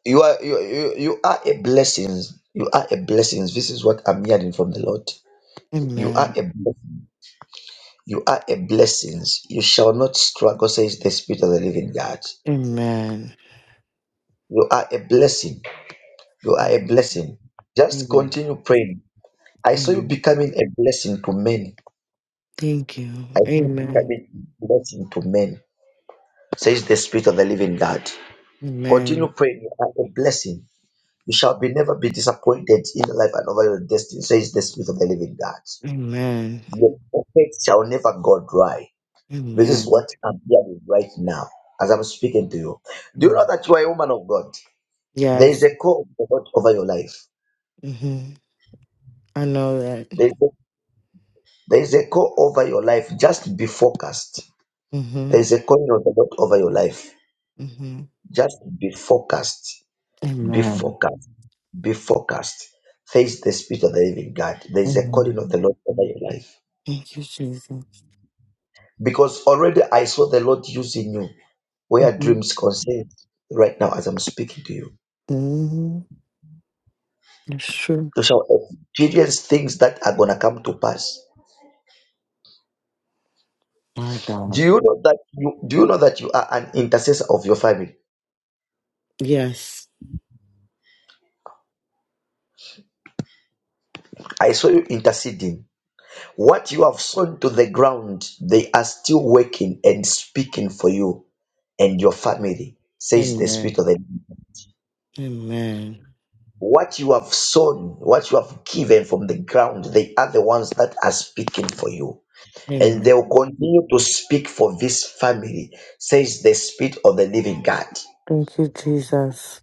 Speaker 1: You are you, you, you are a blessing. You are a blessing. This is what I'm hearing from the Lord. You are
Speaker 4: Amen.
Speaker 1: a You are a blessing. You shall not struggle, says the Spirit of the Living God.
Speaker 4: Amen.
Speaker 1: You are a blessing You are a
Speaker 4: Amen.
Speaker 1: blessing. Just
Speaker 4: Amen.
Speaker 1: continue praying. I saw you
Speaker 4: Amen.
Speaker 1: becoming a blessing to many.
Speaker 4: Thank you.
Speaker 1: I saw you
Speaker 4: Amen.
Speaker 1: becoming a blessing to men, says the Spirit of the Living God. Continue
Speaker 4: Amen.
Speaker 1: praying. You are a blessing. You shall be never be disappointed in life and over your destiny, says the Spirit of the Living God.
Speaker 4: Amen.
Speaker 1: Your pocket shall never go dry. This is what
Speaker 4: Amen.
Speaker 1: I'm hearing right now as I'm speaking to you. Do you
Speaker 4: Mm.
Speaker 1: know that you are a woman of God? There is
Speaker 4: Yes.
Speaker 1: a call of God over your life.
Speaker 4: hmm I know that.
Speaker 1: There is a call over your life. Just be focused.
Speaker 4: hmm
Speaker 1: There is a calling of the Lord over your life.
Speaker 4: hmm
Speaker 1: Just be focused. Be
Speaker 4: Amen.
Speaker 1: focused. Be focused. Face the Spirit of the living God. There is a
Speaker 4: hmm
Speaker 1: calling of the Lord over your life.
Speaker 4: Thank you, Jesus.
Speaker 1: Because already I saw the Lord using you where
Speaker 4: hmm
Speaker 1: dreams concerned right now as I'm speaking to you.
Speaker 4: hmm It's true.
Speaker 1: You shall experience things that are gonna come to pass.
Speaker 4: My
Speaker 1: Do
Speaker 4: God.
Speaker 1: you know that you do you know that you are an intercessor of your family?
Speaker 4: Yes.
Speaker 1: I saw you interceding What you have sown to the ground, they are still working and speaking for you and your family, says the Spirit of
Speaker 4: Amen.
Speaker 1: the Lord.
Speaker 4: Amen.
Speaker 1: What you have sown, what you have given from the ground, they are the ones that are speaking for you. And they will
Speaker 4: Amen.
Speaker 1: continue to speak for this family, says the Spirit of the Living God.
Speaker 4: Thank you, Jesus.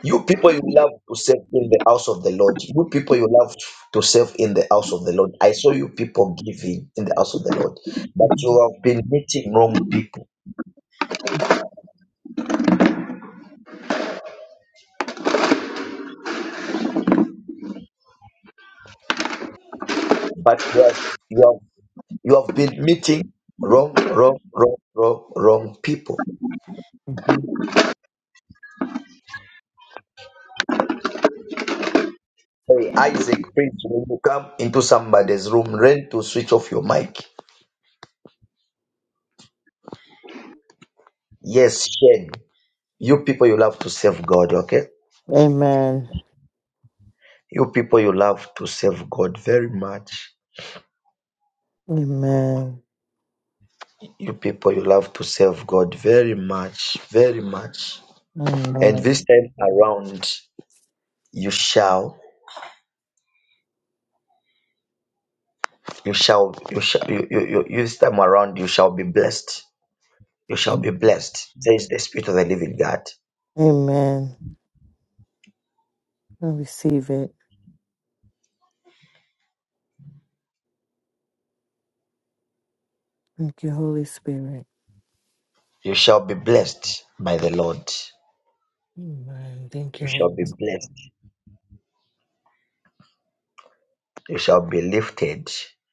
Speaker 1: You people you love to serve in the house of the Lord. You people you love to serve in the house of the Lord. I saw you people giving in the house of the Lord, but
Speaker 4: hmm
Speaker 1: you have been meeting wrong people. but you have, you have, you have been meeting wrong, wrong, wrong, wrong, wrong people.
Speaker 4: Amen.
Speaker 1: Hey, Isaac, please, when you come into somebody's room, learn to switch off your mic. Yes, Shane, you people, you love to serve God, okay?
Speaker 4: Amen.
Speaker 1: You people, you love to serve God very much. You people, you love to serve God very much, very much. And
Speaker 4: Amen.
Speaker 1: this time around, you shall, you shall, you shall, you, you, you, this time around, you shall be blessed You shall be blessed. Says the Spirit of the living God.
Speaker 4: Amen. I receive it. Thank you, Holy Spirit.
Speaker 1: You shall be blessed by the Lord.
Speaker 4: Amen. Thank
Speaker 1: You
Speaker 4: you, Holy
Speaker 1: shall be blessed. You shall be lifted. This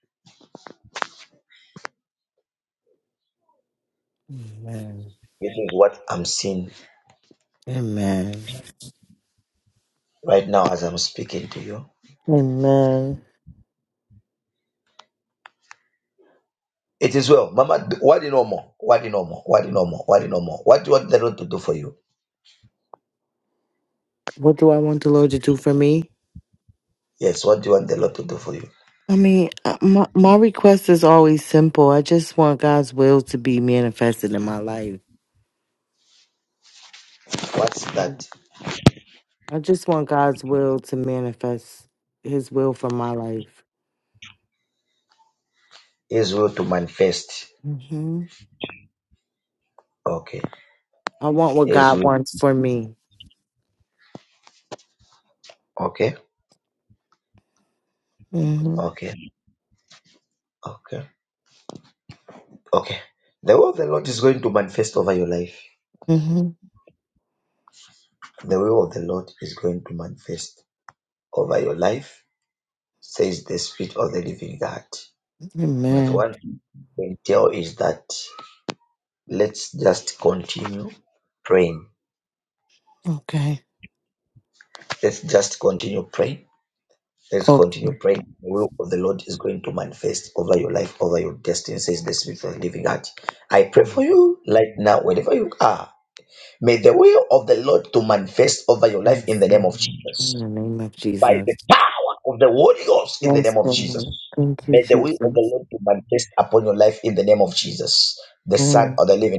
Speaker 4: Spirit. Amen.
Speaker 1: is what I'm seeing
Speaker 4: Amen.
Speaker 1: right now as I'm speaking to you.
Speaker 4: Amen.
Speaker 1: It is well. Mama, what do you know more? What do you know more? What do you know more? What do you know more? What do you want the Lord to do for you?
Speaker 4: What do I want the Lord to do for me?
Speaker 1: Yes, what do you want the Lord to do for you?
Speaker 4: I mean, uh, my, my request is always simple. I just want God's will to be manifested in my life.
Speaker 1: What's
Speaker 4: Mm.
Speaker 1: that?
Speaker 4: I just want God's will to manifest His will for my life.
Speaker 1: His will to manifest.
Speaker 4: hmm
Speaker 1: Okay.
Speaker 4: I want what
Speaker 1: His
Speaker 4: God
Speaker 1: will.
Speaker 4: wants for me.
Speaker 1: Okay.
Speaker 4: hmm
Speaker 1: Okay. Okay. Okay. The will of the Lord is going to manifest over your life.
Speaker 4: hmm
Speaker 1: The will of the Lord is going to manifest over your life, says the Spirit of the Living God. But
Speaker 4: Amen.
Speaker 1: what I can tell is that let's just continue praying.
Speaker 4: Okay.
Speaker 1: Let's just continue praying. Let's
Speaker 4: Oh.
Speaker 1: continue praying. The will of the Lord is going to manifest over your life, over your destiny, says the Spirit of the Living God. I pray for you right now, wherever you are. May the will of the Lord to manifest over your
Speaker 4: In
Speaker 1: life in the name of Jesus.
Speaker 4: the name of
Speaker 1: by
Speaker 4: Jesus.
Speaker 1: the power of the Holy Ghost in the
Speaker 4: Yes,
Speaker 1: name of Jesus.
Speaker 4: Lord. Thank you,
Speaker 1: May the will of the
Speaker 4: Jesus.
Speaker 1: Lord be manifest upon your life in the name of Jesus, the Son
Speaker 4: Amen.
Speaker 1: of the Living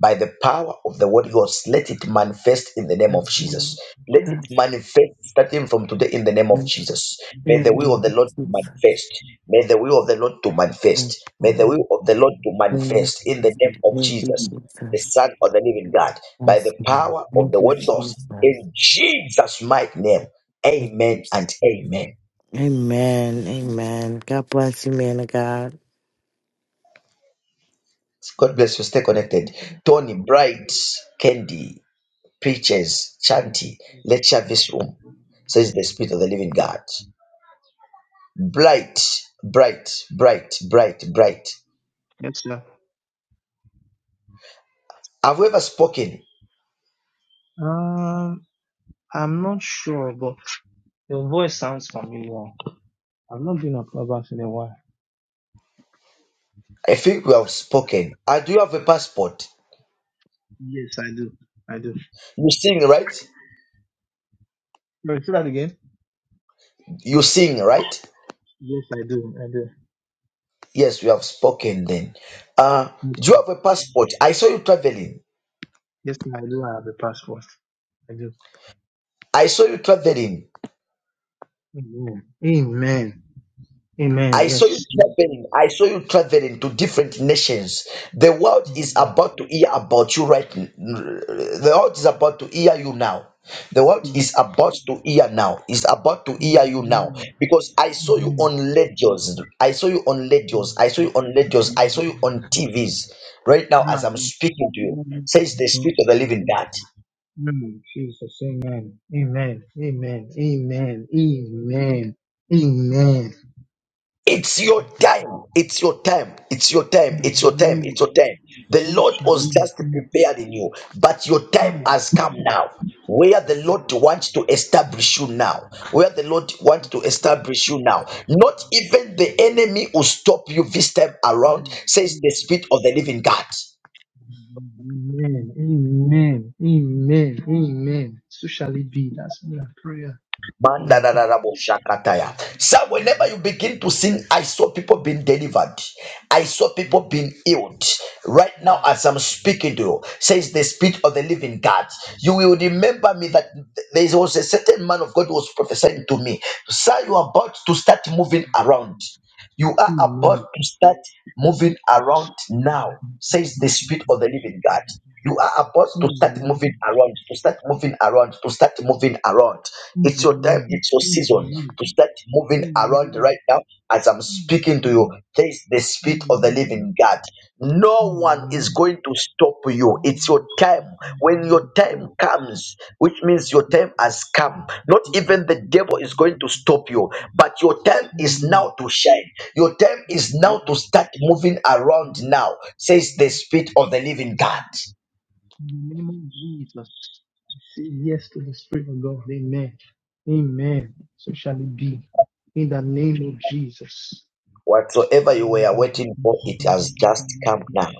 Speaker 1: by the power of the word Ghost, let it manifest in the name
Speaker 4: Yes,
Speaker 1: of Jesus.
Speaker 4: Lord.
Speaker 1: Let it
Speaker 4: Yes,
Speaker 1: manifest starting from today in the name of
Speaker 4: Lord.
Speaker 1: Jesus. May the will of the
Speaker 4: Amen.
Speaker 1: Lord
Speaker 4: Jesus.
Speaker 1: manifest. May the will of the Lord to
Speaker 4: Yes,
Speaker 1: manifest. May the will
Speaker 4: Lord.
Speaker 1: of the Lord to
Speaker 4: Amen.
Speaker 1: manifest in the
Speaker 4: Jesus.
Speaker 1: name of
Speaker 4: Thank
Speaker 1: Jesus,
Speaker 4: you,
Speaker 1: the
Speaker 4: Jesus.
Speaker 1: Son of the Living God, by
Speaker 4: Yes,
Speaker 1: the
Speaker 4: Lord.
Speaker 1: power of
Speaker 4: Thank
Speaker 1: the
Speaker 4: you,
Speaker 1: word Ghost.
Speaker 4: Jesus.
Speaker 1: In Jesus' mighty name.
Speaker 4: Thank
Speaker 1: Amen
Speaker 4: you.
Speaker 1: and amen.
Speaker 4: Amen. Amen. God bless you, man of God.
Speaker 1: God bless you. Stay connected. Tony Bright Candy. preachers, chanty, lecture this room, says the Spirit of the Living God. Bright, bright, bright, bright, bright.
Speaker 5: Yes, sir.
Speaker 1: Have we ever spoken?
Speaker 5: Um, I'm not sure, but your voice sounds familiar. I've not been on Clubhouse in a while.
Speaker 1: I think we have spoken. I do you have a passport.
Speaker 5: Yes, I do. I do.
Speaker 1: You sing, right?
Speaker 5: Sorry, say that again.
Speaker 1: You sing, right?
Speaker 5: Yes, I do. I do.
Speaker 1: Yes, we have spoken then. Uh, do you
Speaker 5: Mhm.
Speaker 1: have a passport? I saw you traveling.
Speaker 5: Yes, I do. I have a passport. I do.
Speaker 1: I saw you traveling.
Speaker 5: Amen. Amen. Amen.
Speaker 1: I
Speaker 5: Yes.
Speaker 1: saw you traveling. I saw you traveling to different nations. The world is
Speaker 5: Amen.
Speaker 1: about to hear about you right. n- The world is about to hear you now. The world
Speaker 5: Yes.
Speaker 1: is about to hear now. Is about to hear you now
Speaker 5: Amen.
Speaker 1: because I saw you
Speaker 5: Amen.
Speaker 1: on radios. I saw you on radios. I saw you on radios. I saw you
Speaker 5: Mhm.
Speaker 1: on TVs right now as
Speaker 5: Ah,
Speaker 1: I'm speaking to you.
Speaker 6: Mm,
Speaker 1: Says the
Speaker 5: yes.
Speaker 1: spirit of the living God.
Speaker 5: Mm, Jesus, amen, amen, amen, amen, amen, amen. Amen.
Speaker 1: It's your time. It's your time. It's your time. It's your time. It's your time. The
Speaker 5: So
Speaker 1: Lord
Speaker 5: shall
Speaker 1: was
Speaker 5: it
Speaker 1: just
Speaker 5: be.
Speaker 1: prepared in you, but your time
Speaker 5: Amen.
Speaker 1: has come now. Where the Lord wants to establish you now, where the Lord wants to establish you now, not even the enemy will stop you this time around, says the Spirit of the Living God.
Speaker 6: mm,
Speaker 5: Amen, amen, amen, amen. So shall it be. That's my prayer. Oh my God.
Speaker 1: Mandarararaboshakataya. So whenever you begin to sin, I saw people being delivered. I saw people being healed. Right now, as I'm speaking to you, says the Spirit of the Living God. You will remember me that there was a certain man of God who was prophesying to me. Sir, you are about to start moving around. You are about
Speaker 5: Amen.
Speaker 1: to start moving around now, says the
Speaker 5: Amen.
Speaker 1: Spirit of the Living God. You are about to start moving
Speaker 5: Amen.
Speaker 1: around, to start moving around, to start moving around. It's your time,
Speaker 5: Amen.
Speaker 1: it's your season to start moving around right now. As I'm speaking to
Speaker 5: Amen.
Speaker 1: you, there is the spirit of the
Speaker 5: Amen.
Speaker 1: living God. No one
Speaker 5: In the
Speaker 1: is going to stop you. It's your time. When your time comes, which means your time has come, not even the devil is going to stop you, but your time is now to shine. Your time is now to start moving around now, says the spirit of the living God.
Speaker 5: name of Jesus, I say yes to the Spirit of God. Amen. Amen. So shall it be. In the name of Jesus.
Speaker 1: Whatsoever you were waiting for, it has just come now.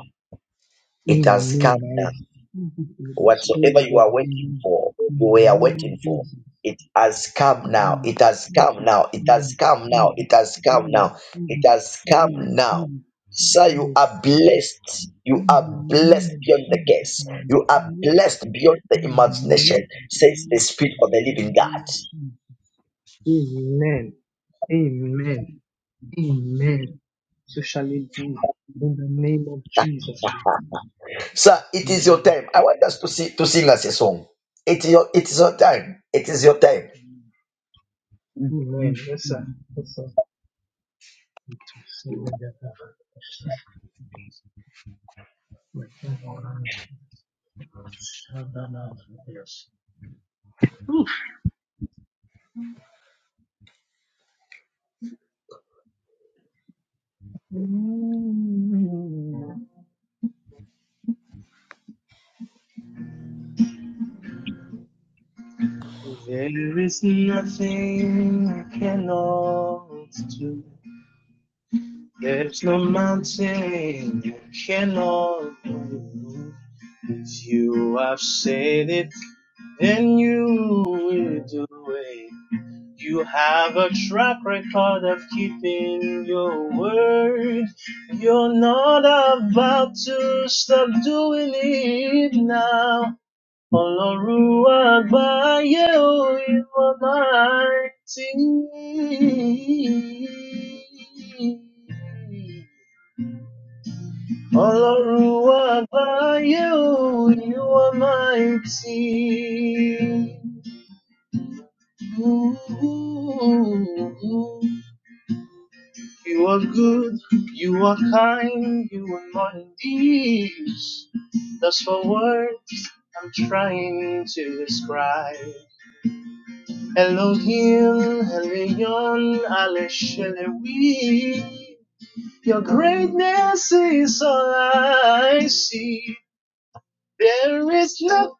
Speaker 1: It has come
Speaker 5: Amen. I
Speaker 1: now.
Speaker 5: receive it with the Spirit
Speaker 1: Whatsoever
Speaker 5: of
Speaker 1: you are
Speaker 5: God.
Speaker 1: waiting
Speaker 5: Amen.
Speaker 1: for, you
Speaker 5: In the
Speaker 1: were
Speaker 5: name
Speaker 1: waiting
Speaker 5: of
Speaker 1: for,
Speaker 5: Jesus.
Speaker 1: it has come now.
Speaker 5: Amen.
Speaker 1: It has come now. It has come now. It has come
Speaker 5: Amen.
Speaker 1: now. It has come now. Sir, you are blessed. You are blessed beyond the guess. You are blessed beyond the imagination, says the Spirit of the Living God.
Speaker 5: Amen. So shall it be in the name of Jesus.
Speaker 1: Sir, it is your time. I want us to see to sing us a song. It is your, it is your time. It is your time.
Speaker 6: mm, mm,
Speaker 5: Amen. Yes,
Speaker 6: mm.
Speaker 5: sir. Yes, sir. yes. There is nothing I cannot do. There's no mountain you cannot move. If you have said it, then you will do it. You have a track record of keeping your word. You're not about to stop doing it now. Olorua Agbaye, oh, you are mighty. Olorua Agbaye, oh, you are mighty. Ooh. ooh, ooh. You are good, you are kind, you are more than these. That's what words I'm trying to describe. Elohim, Elion, Aleshelewi. Your greatness is all I see. There is nothing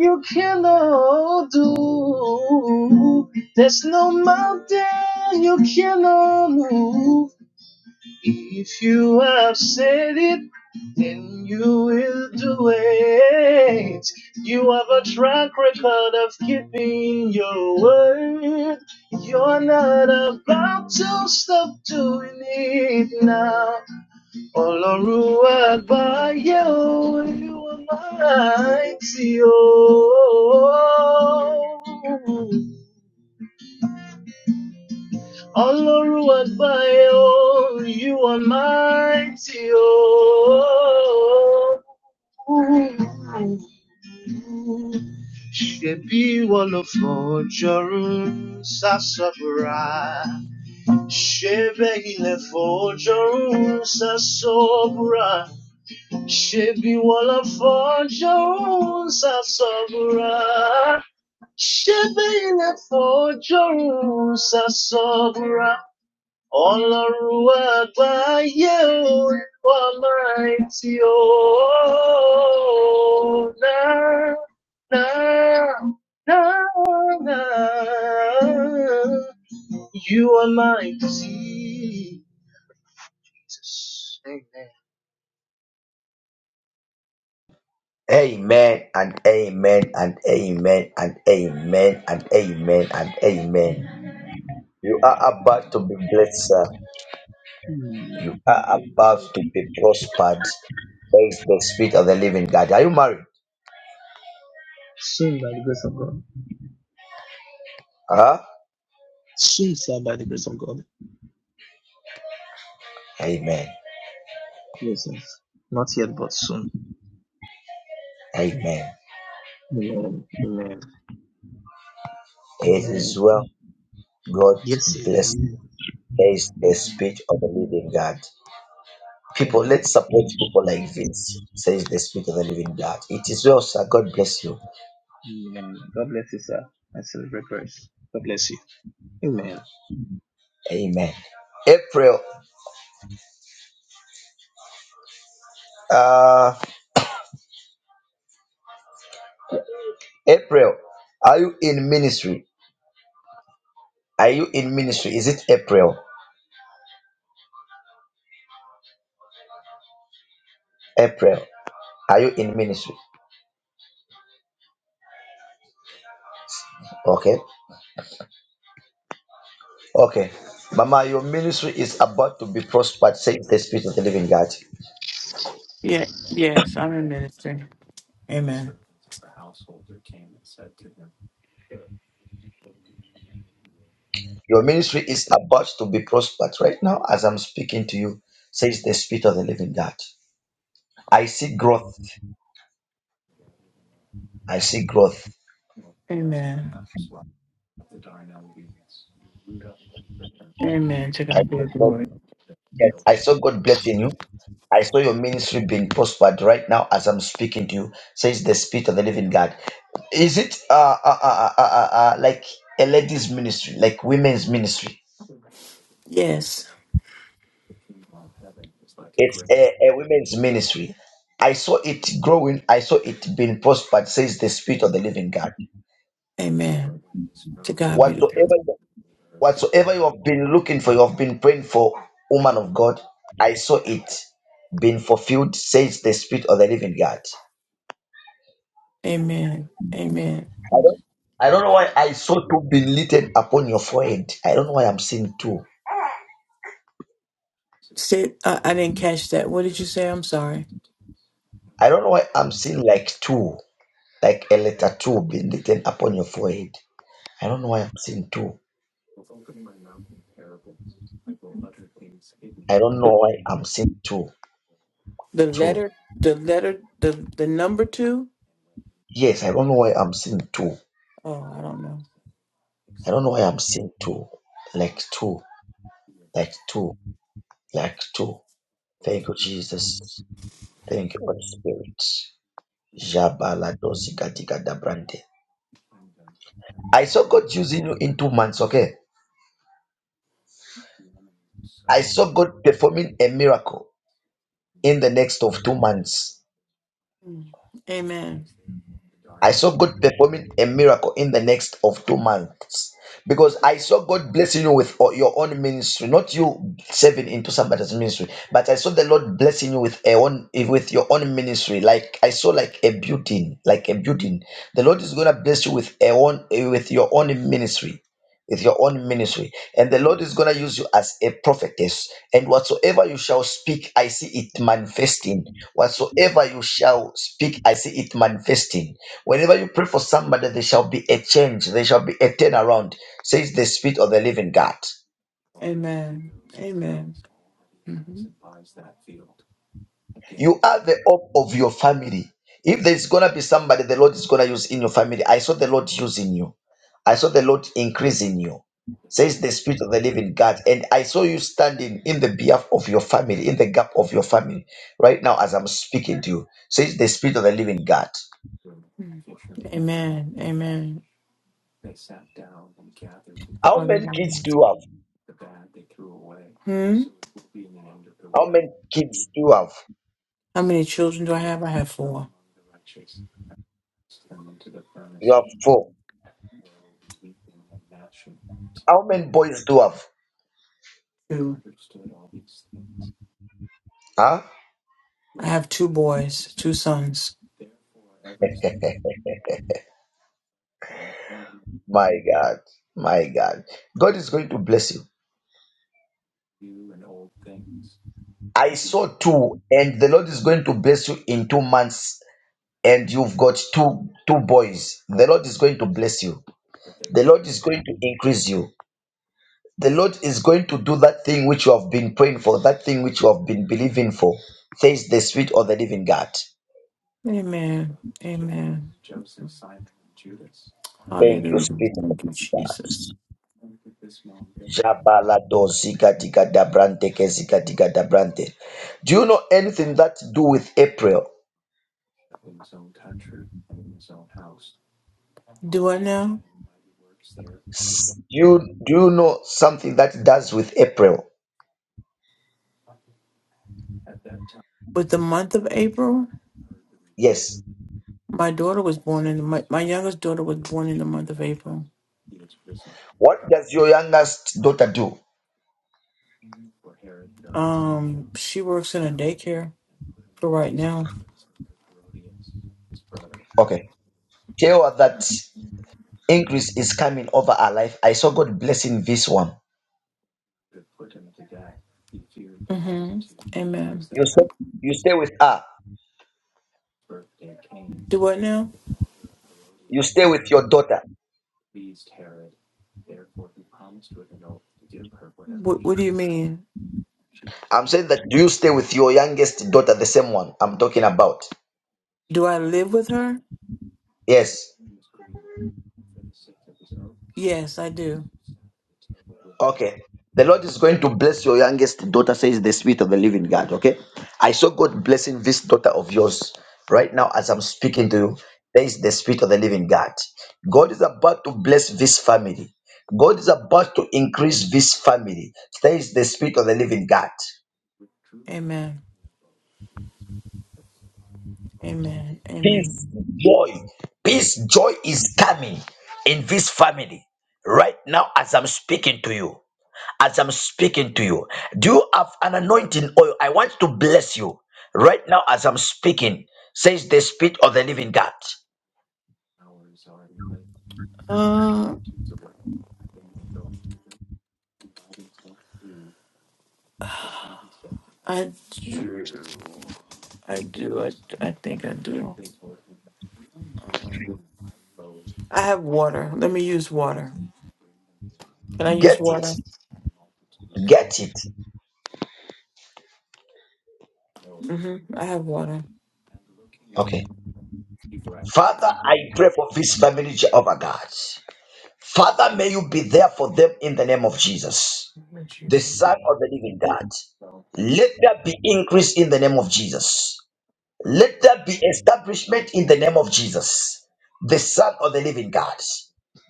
Speaker 5: you cannot do. There's no mountain you cannot move. If you have said it, then you will do it. You have a track record of keeping your word. You're not about to stop doing it now. Olaruwa Agbaye, o, you are mighty, oh. Ọlọ́run àgbáyé o, you are mighty o. Shebi ìwọ ló fọjọ́run sásọ́bùrà? Ṣé bẹ́ẹ̀ ilẹ̀ fọjọ́run sásọ́bùrà? Shebi ìwọ ló fọjọ́run sásọ́bùrà? Ṣé bẹ́ẹ̀ ilẹ̀ fọjọ́run sásọ́bùrà? Ọlọ́run àgbáyé o, ìwọ mighty o, náà, náà, náà, náà. You are mighty, Jesus. Amen.
Speaker 1: Amen and amen and amen and amen and amen and amen. You are about to be blessed, sir.
Speaker 5: Mm.
Speaker 1: You are about to be prospered. Praise the Spirit of the Living God. Are you married?
Speaker 5: Soon by the grace of God.
Speaker 1: Huh?
Speaker 5: Soon, sir, by the grace of God.
Speaker 1: Amen.
Speaker 5: Yes, sir. Not yet, but soon.
Speaker 1: Amen.
Speaker 5: Amen. Amen.
Speaker 1: It is
Speaker 5: Amen.
Speaker 1: well. God
Speaker 5: Yes, sir.
Speaker 1: bless. you. Praise the
Speaker 5: Amen. Amen.
Speaker 1: Spirit of the Living God. People,
Speaker 5: Amen.
Speaker 1: let's support people like this. Says the Spirit of the Living God. It is well, sir. God bless you.
Speaker 5: Amen. God bless you, sir. I celebrate grace. God bless you. Amen.
Speaker 1: Amen. April. uh, April, are you in ministry? Are you in ministry? Is it April? April, are you in ministry? Okay, okay. Mama, your ministry is about to be prospered, says the Spirit of the Living God.
Speaker 7: Yeah, yes, I'm in ministry. Amen.
Speaker 1: Your ministry is about to be prospered right now as I'm speaking to you, says the Spirit of the Living God. I see growth. I see growth.
Speaker 7: Amen. Amen. To
Speaker 1: I
Speaker 7: God be
Speaker 1: saw
Speaker 7: the
Speaker 1: God,
Speaker 7: glory.
Speaker 1: I saw God blessing you. I saw your ministry being prospered right now as I'm speaking to you, says the Spirit of the Living God. Is it uh, uh, uh, uh, uh, uh, like a ladies' ministry, like women's ministry?
Speaker 7: Yes.
Speaker 1: It's a, a women's ministry. I saw it growing. I saw it being prospered. Says the Spirit of the Living God.
Speaker 7: Amen. To God be the glory.
Speaker 1: Whatsoever, whatsoever you have been looking for, you have been praying for, woman of God. I saw it being fulfilled. Says the Spirit of the Living God.
Speaker 7: Amen. Amen.
Speaker 1: I don't, I don't know why I saw two being littered upon your forehead. I don't know why I'm seeing two.
Speaker 7: Say, I, I didn't catch that. What did you say? I'm sorry.
Speaker 1: I don't know why I'm seeing like two. like a letter two being written upon your forehead. I don't know why I'm seeing two. I don't know why I'm seeing two.
Speaker 7: The
Speaker 1: Two.
Speaker 7: letter, the letter, the the number two.
Speaker 1: Yes, I don't know why I'm seeing two.
Speaker 7: Oh, I don't know.
Speaker 1: I don't know why I'm seeing two. Like two. Like two. Like two. Thank you, Jesus. Thank you, Holy Spirit. Jabaladosi gadigadabrante. I saw God using you in two months, okay? I saw God performing a miracle in the next of two months.
Speaker 7: Mm. Amen.
Speaker 1: I saw God performing a miracle in the next of two months because I saw God blessing you with o- your own ministry, not you serving into somebody's ministry, but I saw the Lord blessing you with a own with your own ministry. Like I saw like a building, like a building. The Lord is gonna bless you with a own eh, with your own ministry. With your own ministry, and the Lord is gonna use you as a prophetess, and whatsoever you shall speak, I see it manifesting. Whatsoever you shall speak, I see it manifesting Whenever you pray for somebody, there shall be a change, there shall be a turnaround, says the Spirit of the Living God.
Speaker 7: Amen. Amen. hmm
Speaker 1: You are the hope of your family. If there's gonna be somebody the Lord is gonna use in your family, I saw the Lord using you. I saw the Lord increasing you, says the Spirit of the Living God. And I saw you standing in the behalf of your family, in the gap of your family, right now as I'm speaking to you, says the Spirit of the Living God.
Speaker 7: Amen. Amen.
Speaker 1: How many
Speaker 7: Hallelujah.
Speaker 1: kids do you have?
Speaker 7: Hmm?
Speaker 1: How many kids do you have?
Speaker 7: How many children do I have? I have four.
Speaker 1: You have four. How many boys do you have?
Speaker 7: Two.
Speaker 1: Ah,
Speaker 7: I have two boys, two sons.
Speaker 1: (laughs) my God, my God. God is going to bless you. I saw two, and the Lord is going to bless you in two months. And you've got two two boys. The Lord is going to bless you. The Lord is going to increase you. The Lord is going to do that thing which you have been praying for, that thing which you have been believing for. Says the sweet or the living God.
Speaker 7: Amen. Amen.
Speaker 1: Thank you,
Speaker 7: Hallelujah.
Speaker 1: sweet
Speaker 7: Thank you,
Speaker 1: God.
Speaker 7: Jesus.
Speaker 1: Jabalado zikatika dabrante ke zikatika dabrante. Do you know anything that to do with April?
Speaker 7: Do I now?
Speaker 1: S- Do you, do you know something that does with April?
Speaker 7: With the month of April,
Speaker 1: Yes.
Speaker 7: my daughter was born in the, my, my youngest daughter was born in the month of April.
Speaker 1: What does your youngest daughter do?
Speaker 7: Um, she works in a daycare for right now.
Speaker 1: Okay. Tell her that increase is coming over her life. I saw God blessing this one.
Speaker 7: hmm Amen.
Speaker 1: You stay, you stay with her.
Speaker 7: Do what now?
Speaker 1: You stay with your daughter.
Speaker 7: What, what do you mean?
Speaker 1: I'm saying that do you stay with your youngest daughter, the same one I'm talking about?
Speaker 7: Do I live with her?
Speaker 1: Yes.
Speaker 7: Yes, I do.
Speaker 1: Okay. The Lord is going to bless your youngest daughter, says the Spirit of the Living God. Okay. I saw God blessing this daughter of yours right now as I'm speaking to you. There is the Spirit of the Living God. God is about to bless this family. God is about to increase this family. There is the Spirit of the Living God.
Speaker 7: Amen. Amen. Amen.
Speaker 1: Peace, joy, peace, joy is coming in this family right now as I'm speaking to you. as I'm speaking to you. Do you have an anointing oil? I want to bless you right now as I'm speaking, says the Spirit of the Living God.
Speaker 7: Uh, I do. I do. I, I think I do. I have water. Let me use water. Can I use
Speaker 1: Get it.
Speaker 7: water?
Speaker 1: Get it.
Speaker 7: Mm-hmm. I have water.
Speaker 1: Okay. Father, I pray for this family, Jehovah God. Father, may you be there for them in the name of Jesus, the Son of the Living God. Let there be increase in the name of Jesus. Let that be establishment in the name of Jesus, the Son of the Living God,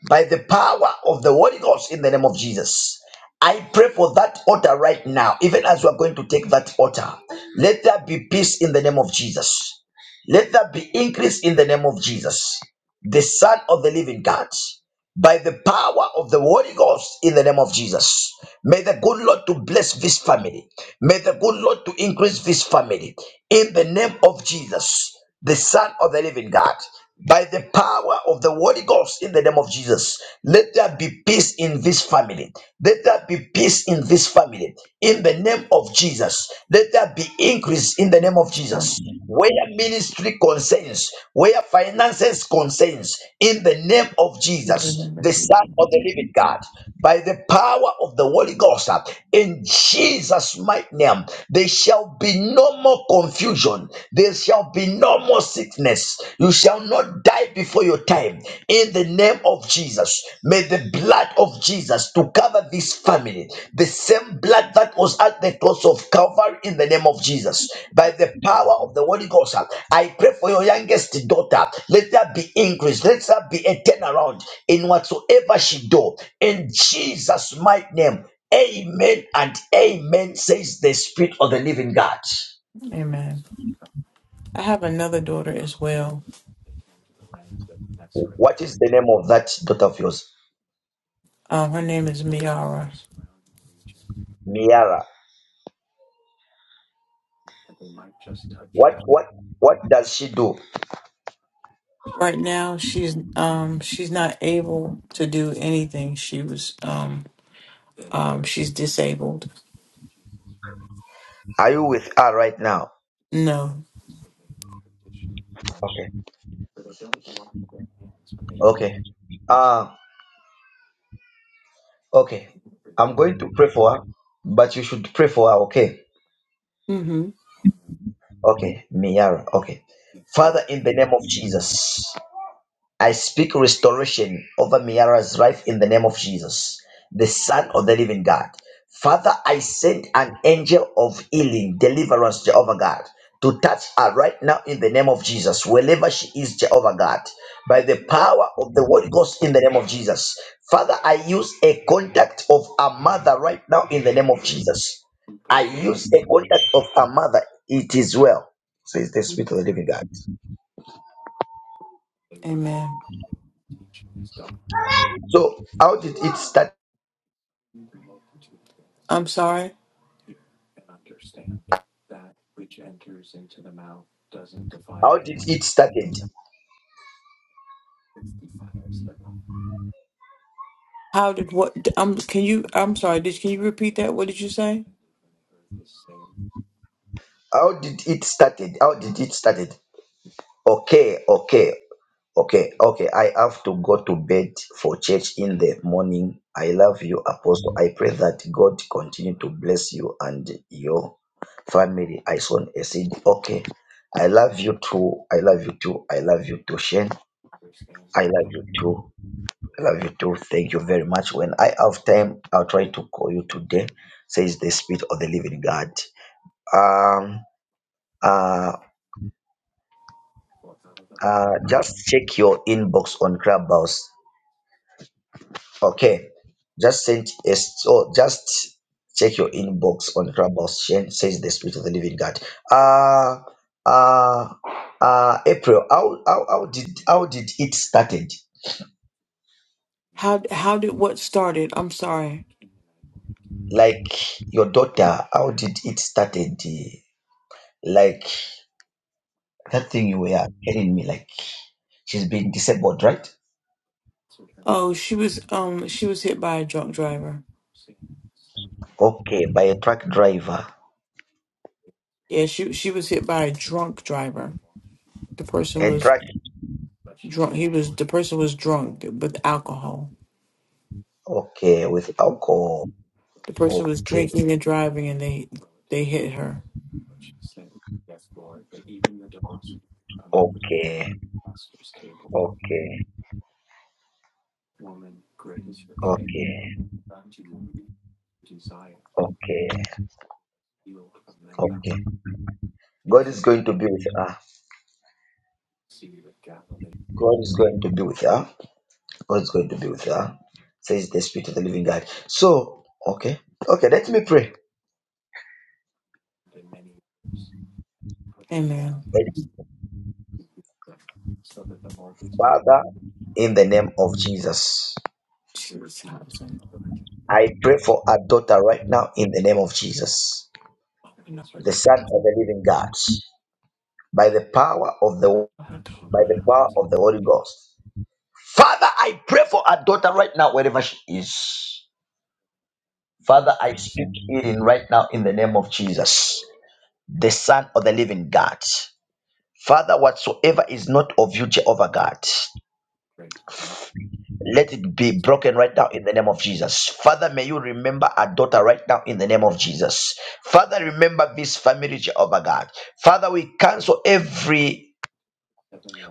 Speaker 1: by the power of the Holy Ghost in the name of Jesus. I pray for that altar right now, even as we are going to take that altar. Let there be peace in the name of Jesus. Let there be increase in the name of Jesus, the Son of the Living God by the power of the Holy Ghost in the name of Jesus. May the good Lord to bless this family. May the good Lord to increase this family in the name of Jesus, the Son of the Living God. By the power of the Holy Ghost in the name of Jesus, let there be peace in this family. Let there be peace in this family. In the name of Jesus, let there be increase increase in the name of Jesus. Where ministry concerns, where finances concerns, in the name of Jesus, the Son of the Living God, by the power of the Holy Ghost, uh, in Jesus' mighty name, there shall be no more confusion. There shall be no more sickness. You shall not die before your time. In the name of Jesus. May the blood of Jesus to cover this family, the same blood that was at the cross of Calvary in the name of Jesus, by the power of the Holy Ghost. I pray for your youngest daughter. Let there be increase. Let there be a turnaround in whatsoever she do. In Jesus' mighty name, Amen and Amen. Says the Spirit of the Living God.
Speaker 7: Amen. I have another daughter as well.
Speaker 1: What is the name of that daughter of yours,
Speaker 7: Um, her name is Miara.
Speaker 1: Miara? What what what does she do?
Speaker 7: Right now, she's um she's not able to do anything. She was um um she's disabled.
Speaker 1: Are you with her right now?
Speaker 7: No.
Speaker 1: Okay. Okay. Uh okay. I'm going to pray for her, but you should pray for her, okay?
Speaker 7: Mm-hmm.
Speaker 1: Okay. Miyara. Okay. Father, in the name of Jesus. I speak restoration over Miara's life in the name of Jesus, the Son of the Living God. Father, I send an angel of healing, deliverance, Jehovah God, to touch her right now in the name of Jesus, wherever she is, Jehovah God, by the power of the Holy Ghost in the name of Jesus. Father, I use a contact of a mother right now in the name of Jesus. I use a contact of a mother. It is well, says the Spirit of the Living God.
Speaker 7: Amen.
Speaker 1: So, how did it start?
Speaker 7: I'm sorry.
Speaker 1: How did it started?
Speaker 7: How did what? Um, can you? I'm sorry. Did can you repeat that? What did you say?
Speaker 1: How did it started? How did it started? Okay, okay, okay, okay. I have to go to bed for church in the morning. I love you, Apostle. I pray that God continue to bless you and your family. I sown a seed. Okay. I love you too. I love you too. I love you too, Shane. I love you too. I love you too. Thank you very much. When I have time, I'll try to call you today, says the Spirit of the Living God. Um, uh, uh, just check your inbox on Clubhouse. Okay, just send a so just check your inbox on Clubhouse. Shen- Says the Spirit of the Living God. Uh, uh, uh, April, how, how how did how did it started?
Speaker 7: How how did what started? I'm sorry.
Speaker 1: Like your daughter, how did it started? eh, Like that thing you were telling me, like she's been disabled, right?
Speaker 7: Oh, she was um she was hit by a drunk driver.
Speaker 1: Okay, by a truck driver,
Speaker 7: Yeah, she she was hit by a drunk driver. The person
Speaker 1: a
Speaker 7: was
Speaker 1: truck.
Speaker 7: drunk. He was the person was drunk with alcohol.
Speaker 1: Okay, with alcohol.
Speaker 7: The person was
Speaker 1: Okay,
Speaker 7: drinking and driving, and they they hit her.
Speaker 1: okay, okay, okay, okay, okay. God is going to be with her. God is going to be with her. God is going to be with her. Says the Spirit of the Living God. So, okay, okay. Let me pray.
Speaker 7: Amen.
Speaker 1: Let me- Father, in the name of Jesus,
Speaker 7: Jesus.
Speaker 1: I pray for our daughter right now. In the name of Jesus, the Son of the Living God, by the power of the by the power of the Holy Ghost. Father, I pray for our daughter right now, wherever she is. Father, I speak healing right now in the name of Jesus, the Son of the living God. Father, whatsoever is not of you, Jehovah God, let it be broken right now in the name of Jesus. Father, may you remember our daughter right now in the name of Jesus. Father, remember this family, Jehovah God. Father, we cancel every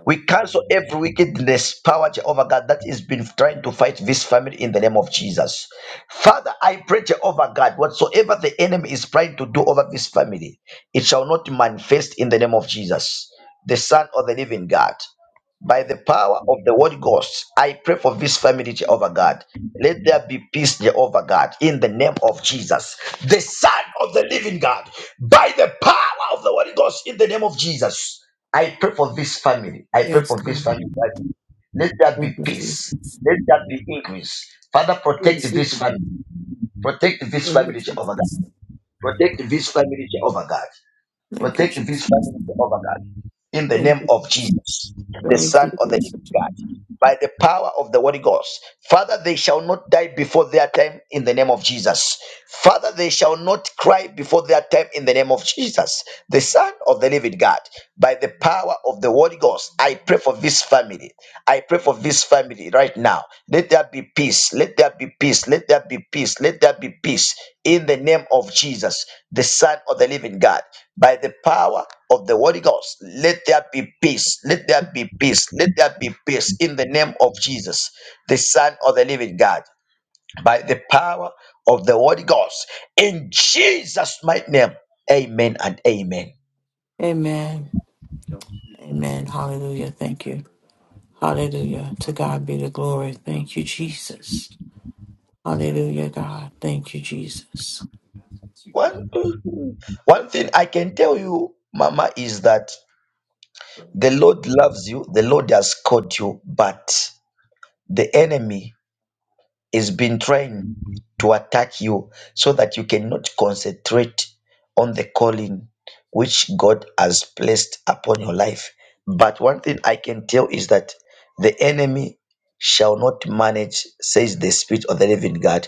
Speaker 1: We cancel every wickedness power, Jehovah God, that has been trying to fight this family in the name of Jesus. Father, I pray, Jehovah God, whatsoever the enemy is trying to do over this family, it shall not manifest in the name of Jesus, the Son of the living God by the power of the Holy ghost i pray for this family jehovah god let there be peace jehovah god in the name of jesus the son of the living god by the power of the Holy ghost in the name of jesus i pray for this family i pray
Speaker 7: Yes,
Speaker 1: for this
Speaker 7: God.
Speaker 1: family let there be
Speaker 7: Thank you,
Speaker 1: peace
Speaker 7: Jesus.
Speaker 1: let there be increase father protect
Speaker 7: Yes,
Speaker 1: this
Speaker 7: Lord.
Speaker 1: family protect this
Speaker 7: Thank you,
Speaker 1: family jehovah
Speaker 7: Jesus.
Speaker 1: god protect this family jehovah god
Speaker 7: Thank you,
Speaker 1: Protect this
Speaker 7: Jesus.
Speaker 1: family, Jehovah God, in the
Speaker 7: Thank
Speaker 1: name
Speaker 7: you,
Speaker 1: of
Speaker 7: Jesus.
Speaker 1: Jesus, the
Speaker 7: Thank
Speaker 1: Son
Speaker 7: you,
Speaker 1: of the living
Speaker 7: Jesus.
Speaker 1: God, by the power of the Holy Ghost. Father, they shall not die before their time in the name of Jesus. Father, they shall not cry before their time in the name of Jesus, the Son of the living God, by the power of the Holy Ghost. I pray for this family. I pray for this family right now. Let there be peace. Let there be peace. Let there be peace. Let there be peace in the name of Jesus, the Son of the living God by the power of the Holy Ghost. Let there be peace. Let there be peace. Let there be peace in the name of Jesus, the Son of the Living God, by the power of the Holy Ghost. In Jesus' mighty name, amen and amen.
Speaker 7: Amen. Amen. Hallelujah. Thank you. Hallelujah. To God be the glory. Thank you, Jesus. Hallelujah, God. Thank you, Jesus.
Speaker 1: One, one thing I can tell you, Mama, is that the Lord loves you, the Lord has called you, but the enemy is been trying to attack you so that you cannot concentrate on the calling which God has placed upon your life. But one thing I can tell is that the enemy shall not manage, says the Spirit of the living God.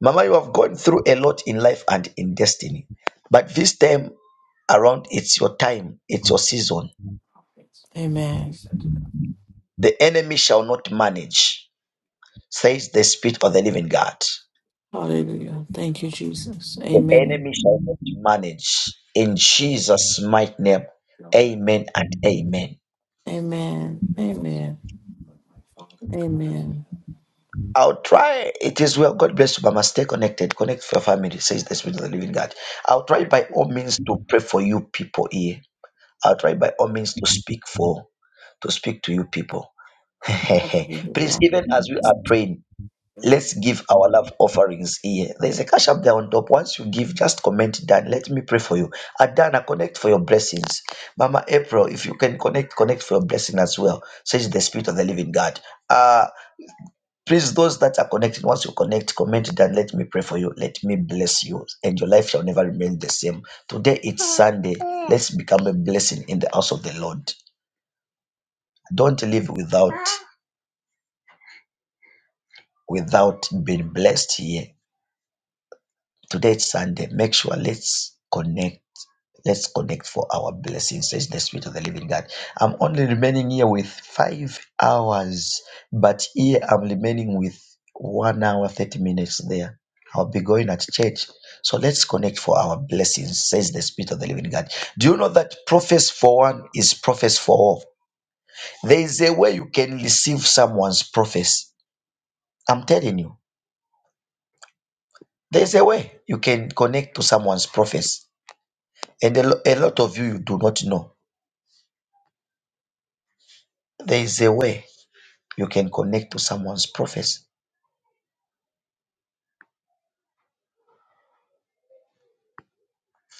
Speaker 1: Mama, you have gone through a lot in life and in destiny. But this time around, it's your time, it's your season.
Speaker 7: Amen.
Speaker 1: The enemy shall not manage, says the Spirit of the living God.
Speaker 7: Hallelujah. Thank you, Jesus.
Speaker 1: The
Speaker 7: Amen.
Speaker 1: enemy shall not manage. In Jesus' mighty name, amen and amen.
Speaker 7: Amen. Amen. Amen.
Speaker 1: I'll try. It is well. God bless you, Mama. Stay connected. Connect with your family, says the Spirit of the Living God. I'll try by all means to pray for you people here. I'll try by all means to speak for, to speak to you people. (laughs)
Speaker 7: Hallelujah,
Speaker 1: Please,
Speaker 7: God.
Speaker 1: even as we are praying, Let's give our love offerings here. There's a cash up there on top. Once you give, just comment Dan. Let me pray for you. Adana, connect for your blessings. Mama April, if you can connect, connect for your blessing as well. Says the Spirit of the Living God. Uh please, those that are connected, once you connect, comment Dan. Let me pray for you. Let me bless you. And your life shall never remain the same. Today it's Sunday. Let's become a blessing in the house of the Lord. Don't live without without being blessed here Today is Sunday. Make sure let's connect. Let's connect for our blessing, says the Spirit of the Living God. I'm only remaining here with five hours, but here I'm remaining with one hour, 30 minutes there. I'll be going at church. So let's connect for our blessings, says the Spirit of the Living God. Do you know that prophecy for one is prophecy for all? There is a way you can receive someone's prophecy. I'm telling you, there's a way you can connect to someone's prophecy. And a, lo- a lot of you, you do not know. There is a way you can connect to someone's prophecy.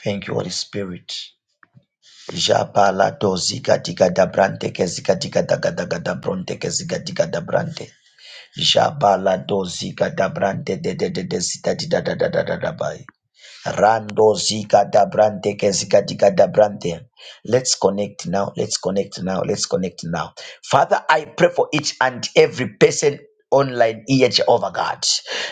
Speaker 1: Thank you, Holy Spirit. Jabala ziga diga da brante ke ziga diga daga daga da bronte ke ziga diga da brante. Jabala ziga da brante de de de de zida di da da da da da da bai. Rando zika dabrante ke zika dika dabrante. Let's connect now. Let's connect now. Let's connect now. Father, I pray for each and every person online here, Jehovah God.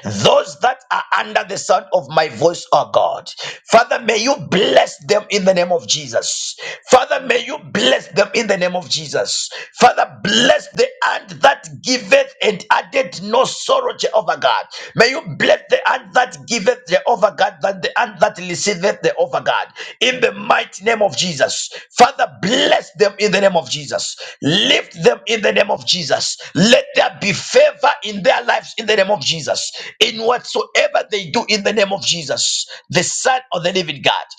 Speaker 1: Those that are under the sound of my voice, oh God. Father, may you bless them in the name of Jesus. Father, may you bless them in the name of Jesus. Father, bless them hand that giveth and added no sorrow, Jehovah God. May you bless the hand that giveth, Jehovah God, than the hand that receiveth, Jehovah God. In the mighty name of Jesus. Father, bless them in the name of Jesus. Lift them in the name of Jesus. Let there be favor in their lives in the name of Jesus. In whatsoever they do in the name of Jesus, the Son of the living God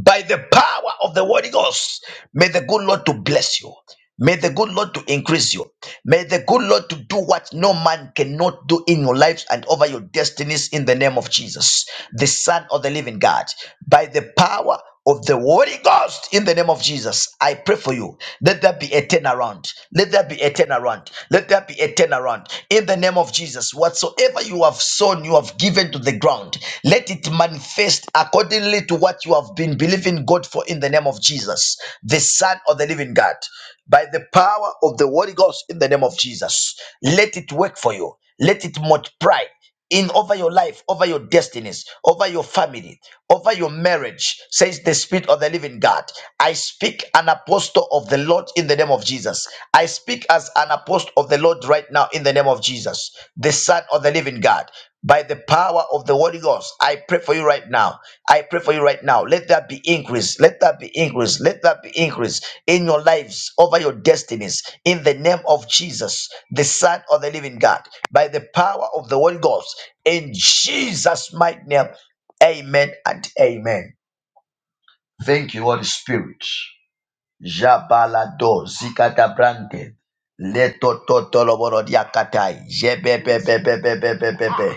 Speaker 1: by the power of the Holy Ghost. May the good Lord to bless you. May the good Lord to increase you. May the good Lord to do what no man cannot do in your lives and over your destinies in the name of Jesus, the Son of the Living God. By the power of the Holy Ghost in the name of Jesus. I pray for you. Let there be a turnaround. Let there be a turnaround. Let there be a turnaround in the name of Jesus. Whatsoever you have sown, you have given to the ground. Let it manifest accordingly to what you have been believing God for in the name of Jesus, the Son of the Living God. By the power of the Holy Ghost in the name of Jesus, let it work for you. Let it multiply in over your life, over your destinies, over your family, over your marriage, says the Spirit of the Living God. I speak an apostle of the Lord in the name of Jesus. I speak as an apostle of the Lord right now in the name of Jesus, the Son of the Living God by the power of the Holy Ghost. I pray for you right now. I pray for you right now. Let that be increase. Let that be increase. Let that be increase in your lives, over your destinies, in the name of Jesus, the Son of the Living God, by the power of the Holy Ghost. In Jesus' mighty name, amen and amen. Thank you, Holy Spirit. Jabalado zikata brande leto totolo borodiakatai jebebebebebebebebe.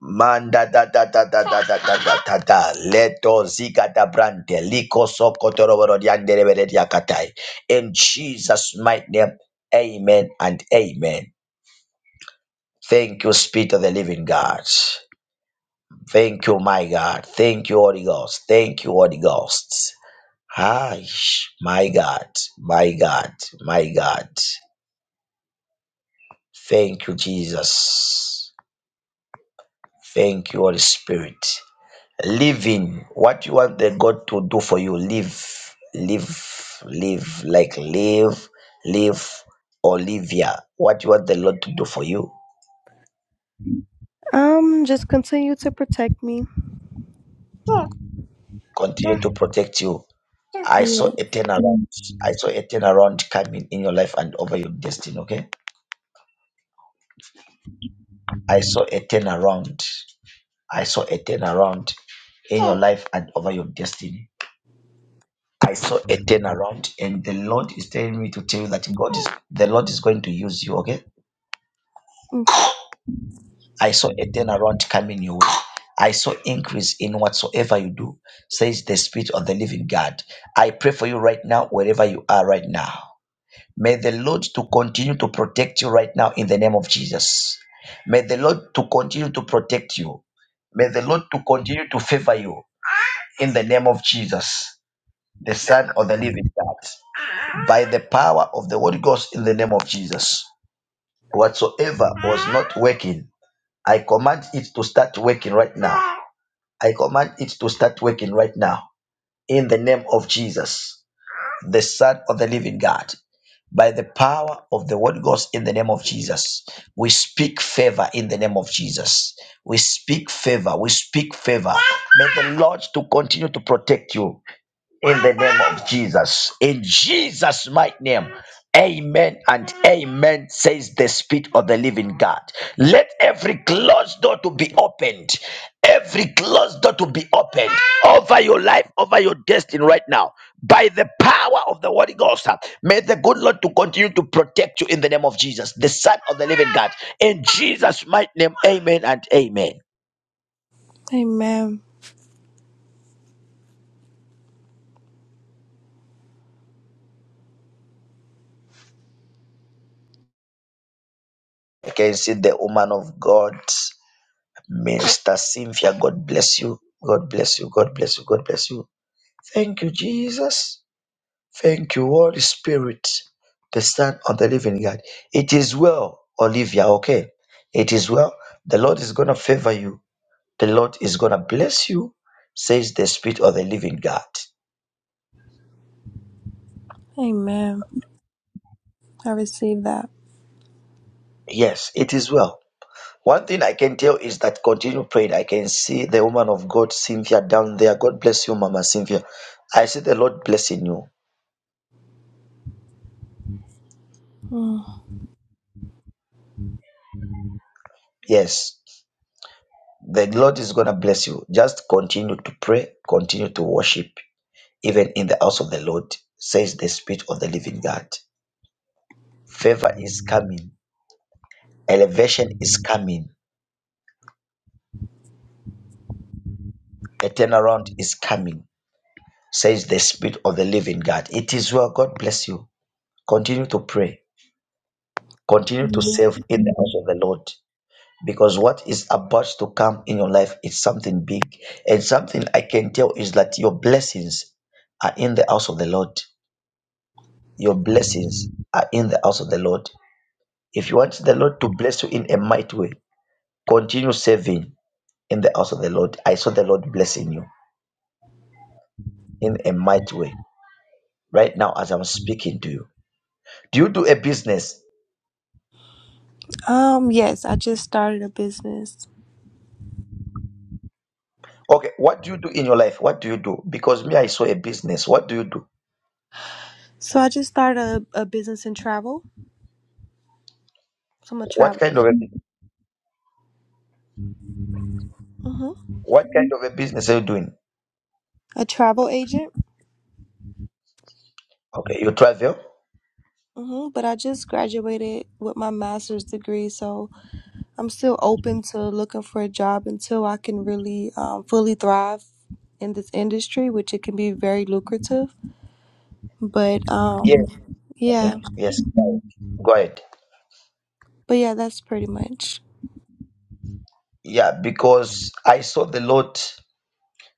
Speaker 1: Manda da da da da da da da da da da. Leto ziga da brande. Liko sop kotoro boro di andere bere di akatai. In Jesus' mighty name, amen and amen. Thank you, Spirit of the living God. Thank you, my God. Thank you, Holy Ghost. Thank you, Holy Ghost. Hi, my God, my God, my God. Thank you, Jesus. Thank you, Holy Spirit. Living, what you want the God to do for you, live, live, live, like live, live, Olivia. What you want the Lord to do for you,
Speaker 8: Um, just continue to protect me.
Speaker 1: continue to protect you. I saw
Speaker 8: Yeah.
Speaker 1: a turnaround. I saw a turnaround coming in your life and over your destiny. Okay, I saw a turnaround. I saw a turnaround in your life and over your destiny. I saw a turnaround, and the Lord is telling me to tell you that God is the Lord is going to use you. Okay
Speaker 8: Okay.
Speaker 1: I saw a turnaround coming your way. I saw increase in whatsoever you do, says the Spirit of the Living God. I pray for you right now, wherever you are right now. May the Lord to continue to protect you right now in the name of Jesus. May the Lord to continue to protect you. May the Lord to continue to favor you in the name of Jesus, the Son of the Living God, by the power of the Holy Ghost in the name of Jesus. Whatsoever was not working, I command it to start working right now I command it to start working right now in the name of Jesus, the Son of the Living God. By the power of the Word Ghost in the name of Jesus, we speak favor in the name of Jesus. We speak favor. We speak favor. May the Lord to continue to protect you in the name of Jesus. In Jesus' mighty name. Amen and amen, says the Spirit of the living God. Let every closed door to be opened. Every closed door to be opened over your life, over your destiny right now. By the power of the Holy Ghost, uh, may the good Lord to continue to protect you in the name of Jesus, the Son of the living God. In Jesus' mighty name, amen and amen.
Speaker 8: Amen.
Speaker 1: I can see the woman of God. Minister Cynthia, God bless you. God bless you. God bless you. God bless you. Thank you, Jesus. Thank you, Holy Spirit, the Son of the Living God. It is well, Olivia, okay? It is well. The Lord is going to favor you. The Lord is going to bless you, says the Spirit of the Living God.
Speaker 8: Amen. I received that.
Speaker 1: Yes, it is well. One thing I can tell is that continue praying. I can see the woman of God, Cynthia, down there. God bless you, Mama Cynthia. I see the Lord blessing you.
Speaker 8: Mm.
Speaker 1: Yes. The Lord is going to bless you. Just continue to pray, continue to worship, even in the house of the Lord, says the Spirit of the living God. Favor is coming, elevation is coming, a turnaround is coming, says the Spirit of the living God. It is well. God bless you. Continue to pray, continue to serve in the house of the Lord. Because what is about to come in your life is something big, and something I can tell is that your blessings are in the house of the Lord Your blessings are in the house of the Lord. If you want the Lord to bless you in a mighty way, continue serving in the house of the Lord. I saw the Lord blessing you in a mighty way right now as I'm speaking to you. Do you do a business?
Speaker 8: Um, yes, I just started a business.
Speaker 1: Okay, what do you do in your life? What do you do? Because me, I saw a business. What do you do?
Speaker 8: So I just started a, a business in travel. So I'm a
Speaker 1: What
Speaker 8: travel
Speaker 1: kind of a,
Speaker 8: hmm
Speaker 1: what kind of a business are you doing?
Speaker 8: a travel agent.
Speaker 1: Okay, you travel?
Speaker 8: hmm But I just graduated with my master's degree, so I'm still open to looking for a job until I can really um, fully thrive in this industry, which it can be very lucrative. But
Speaker 1: Yes,
Speaker 8: um, yeah.
Speaker 1: yes. Go ahead.
Speaker 8: But yeah, that's pretty much.
Speaker 1: Yeah, because I saw the Lord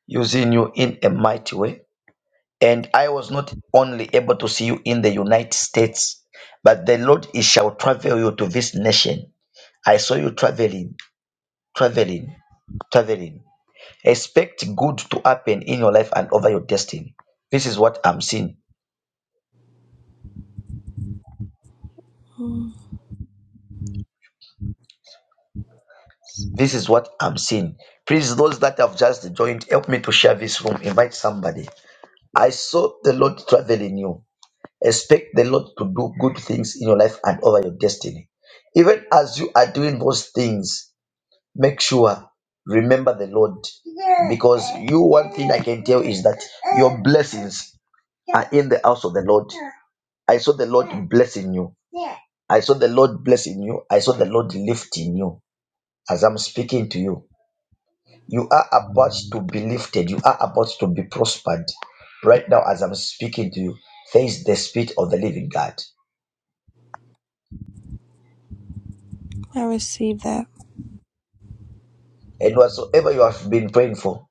Speaker 1: using you in a mighty way And I was not only able to see you in the United States, but the Lord is shall travel you to this nation. I saw you traveling, traveling, traveling. Expect good to happen in your life and over your destiny. This is what I'm seeing.
Speaker 8: Mm,
Speaker 1: This is what I'm seeing. Please, those that have just joined, help me to share this room. Invite somebody. I saw the Lord traveling you. Expect the Lord to do good things in your life and over your destiny. Even as you are doing those things, make sure remember the lord because you one thing i can tell is that your blessings are in the house of the lord i saw the lord blessing you i saw the lord blessing you i saw the lord lifting you as i'm speaking to you you are about to be lifted you are about to be prospered right now as i'm speaking to you there is the spirit of the living god
Speaker 8: I received that.
Speaker 1: and whatsoever you have been praying for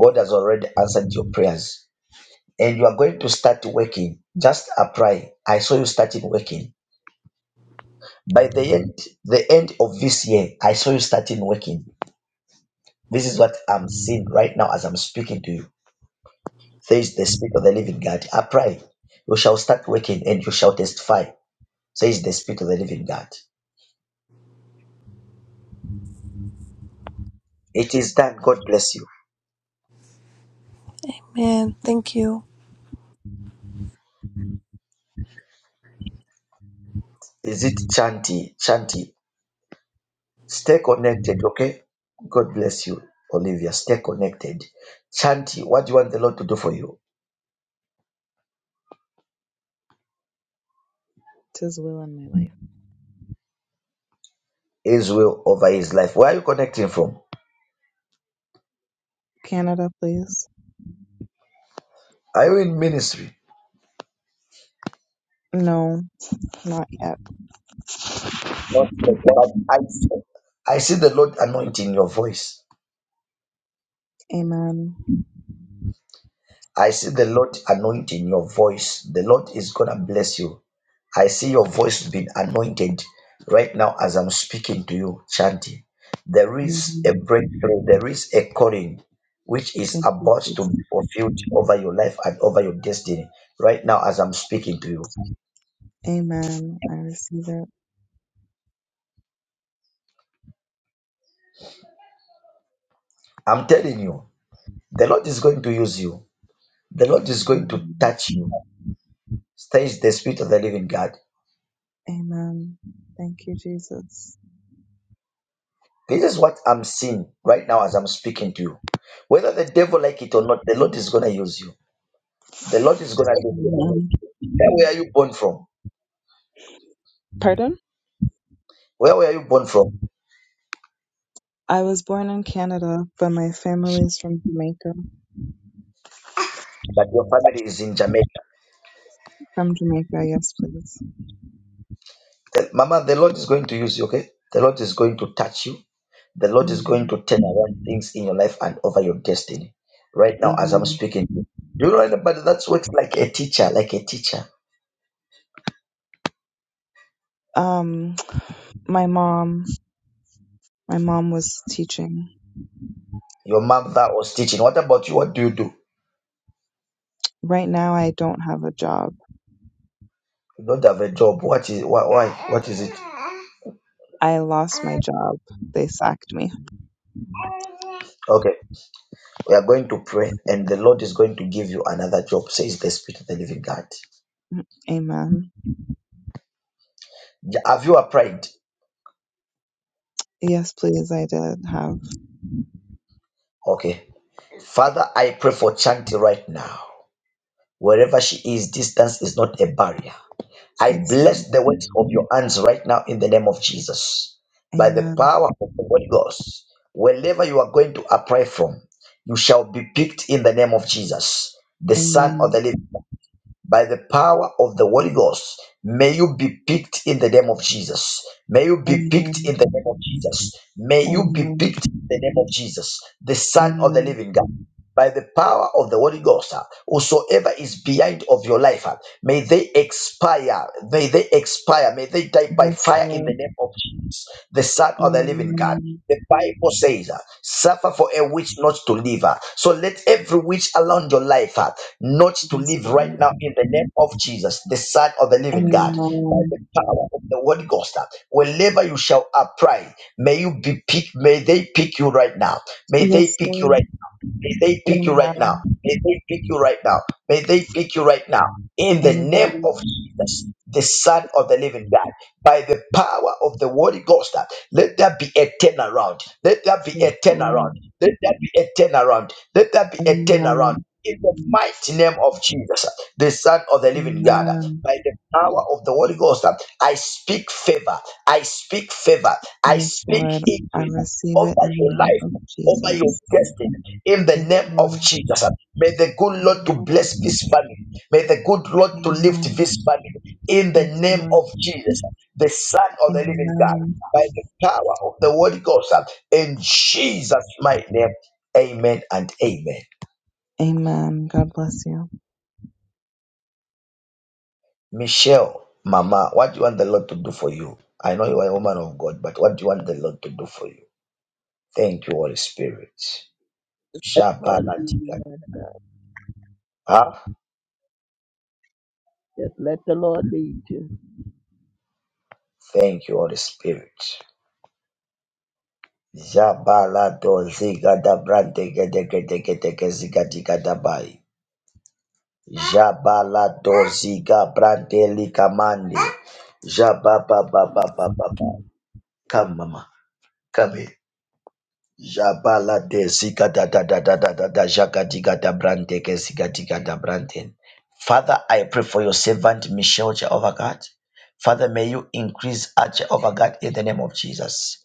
Speaker 1: god has already answered your prayers and you are going to start working. Just apply. I saw you starting working. By the end, the end of this year, I saw you starting working. This is what I'm seeing right now as I'm speaking to you. Says the Spirit of the Living God. Apply. You shall start working and you shall testify. Says the Spirit of the Living God. It is done. God bless you.
Speaker 8: Man, thank you.
Speaker 1: Is it Chanty? Chanty, stay connected, okay? God bless you, Olivia. Stay connected. Chanty, what do you want the Lord to do for you?
Speaker 9: Tis will in my life.
Speaker 1: His will over his life. Where are you connecting from?
Speaker 9: Canada, please.
Speaker 1: Are you in ministry?
Speaker 9: No, not yet.
Speaker 1: Not yet, but I see, I see the Lord anointing your voice.
Speaker 9: Amen.
Speaker 1: I see the Lord anointing your voice. The Lord is gonna bless you. I see your voice being anointed right now as I'm speaking to you, chanting. There is a
Speaker 9: Amen.
Speaker 1: breakthrough, there is a calling which is
Speaker 9: Thank you,
Speaker 1: about to
Speaker 9: Jesus.
Speaker 1: be fulfilled over your life and over your destiny right now as I'm speaking to you.
Speaker 9: Amen. I receive it.
Speaker 1: I'm telling you, the Lord is going to use you. The Lord is going to
Speaker 9: Amen.
Speaker 1: touch you. Says the Spirit of the Living God.
Speaker 9: Amen. Thank you, Jesus.
Speaker 1: This is what I'm seeing right now as I'm speaking to you. Whether the devil like it or not, the Lord is gonna use you. The Lord is gonna lift you.
Speaker 9: Amen.
Speaker 1: Where were you born from?
Speaker 9: Pardon?
Speaker 1: Where were you born from?
Speaker 9: I was born in Canada, but my family's from Jamaica.
Speaker 1: But your family is in Jamaica.
Speaker 9: From Jamaica, yes, please.
Speaker 1: The- Mama, the Lord is going to use you, okay? The Lord is going to touch you. The Lord is going
Speaker 9: Amen.
Speaker 1: to turn around things in your life and over your destiny. Right now, as I'm
Speaker 9: Amen.
Speaker 1: speaking to you. Do you know anybody that works like a teacher, like a teacher?
Speaker 9: Um, my mom, my mom was teaching.
Speaker 1: Your mom that was teaching. What about you? What do you do?
Speaker 9: Right now, I don't have a job.
Speaker 1: You don't have a job. What is why? why what is it?
Speaker 9: I lost my job. They sacked me.
Speaker 1: Okay, we are going to pray, and the Lord is going to give you another job, says the Spirit of the Living God.
Speaker 9: Amen.
Speaker 1: Ja- Have you applied?
Speaker 9: Yes, please, I did have.
Speaker 1: Okay, Father, I pray for Chanti right now. Wherever she is, distance is not a barrier. I
Speaker 9: Yes.
Speaker 1: bless the works of your hands right now in the name of Jesus. By the
Speaker 9: Amen.
Speaker 1: power of the Holy Ghost, wherever you are going to apply from, you shall be picked in the name of Jesus, the Son of
Speaker 9: Amen.
Speaker 1: the Living. God. By the power of the Holy Ghost, may you be picked in the name of Jesus. May you be picked in
Speaker 9: Amen.
Speaker 1: the name of Jesus. May you be
Speaker 9: Amen.
Speaker 1: picked in the name of Jesus, the Son of the
Speaker 9: Amen.
Speaker 1: Living God by the power of the Holy Ghost, uh, whosoever is behind of your life, uh, may they expire, may they expire, may they die by
Speaker 9: Yes,
Speaker 1: fire in the
Speaker 9: Lord.
Speaker 1: name of Jesus, the Son of the Living God.
Speaker 9: Amen.
Speaker 1: The Bible says, uh, suffer for a witch not to live. uh. So let every witch around your life uh, not to
Speaker 9: Yes,
Speaker 1: live right
Speaker 9: Lord.
Speaker 1: now in the name of Jesus, the Son of the Living God, by
Speaker 9: Amen.
Speaker 1: the power of the Holy Ghost. uh. Wherever you shall apply, may you be pick. may they pick you right now. May they
Speaker 9: Yes,
Speaker 1: pick you
Speaker 9: Lord.
Speaker 1: right May they pick you right now.
Speaker 9: Amen.
Speaker 1: May they pick you right now. May they pick you right now. In the name
Speaker 9: Amen.
Speaker 1: of Jesus, the Son of the Living God, by the power of the Holy Ghost, uh, let there be a turnaround. Let there be
Speaker 9: Yes,
Speaker 1: a turnaround.
Speaker 9: Lord.
Speaker 1: Let there be a turnaround. Let there be a turnaround.
Speaker 9: Amen.
Speaker 1: In the mighty name of Jesus, uh, the Son of the Living God, uh,
Speaker 9: Amen.
Speaker 1: by the power of the Holy Ghost, uh, I speak favor. I speak favor. I
Speaker 9: Yes,
Speaker 1: speak
Speaker 9: Lord. I
Speaker 1: increase
Speaker 9: receive
Speaker 1: over
Speaker 9: it in the
Speaker 1: your
Speaker 9: name of
Speaker 1: life over your
Speaker 9: Jesus.
Speaker 1: destiny in the
Speaker 9: Yes,
Speaker 1: name of
Speaker 9: Lord.
Speaker 1: Jesus. May the good Lord to
Speaker 9: Amen.
Speaker 1: bless this family. May the good Lord to lift
Speaker 9: Amen.
Speaker 1: this family in the
Speaker 9: Yes,
Speaker 1: name
Speaker 9: Lord.
Speaker 1: of Jesus, the Son of the Living God,
Speaker 9: Amen.
Speaker 1: by the power of the Holy Ghost. In Jesus' mighty name, Amen and Amen.
Speaker 9: Amen. God bless you.
Speaker 1: Michelle, Mama, what do you want the Lord to do for you? I know you are a woman of God, but what do you want the Lord to do for you? Thank you, Holy Spirit.
Speaker 10: Let the Lord lead you,
Speaker 1: Shabaladiga.
Speaker 10: man.
Speaker 1: Ah,
Speaker 10: Just let the Lord lead you.
Speaker 1: Thank you, Holy Spirit. Jabalado zigada brande gede gede gede gede zigadi gada bai. Jabalado ziga brande likamande. Jababa ba ba Come mama, come here. Jabalade zigada da da da da da da jagadi gada brande ke zigadi gada brande. Father, I pray for your servant Michelle Jehovah God. Father, may you increase her Jehovah God in the name of Jesus.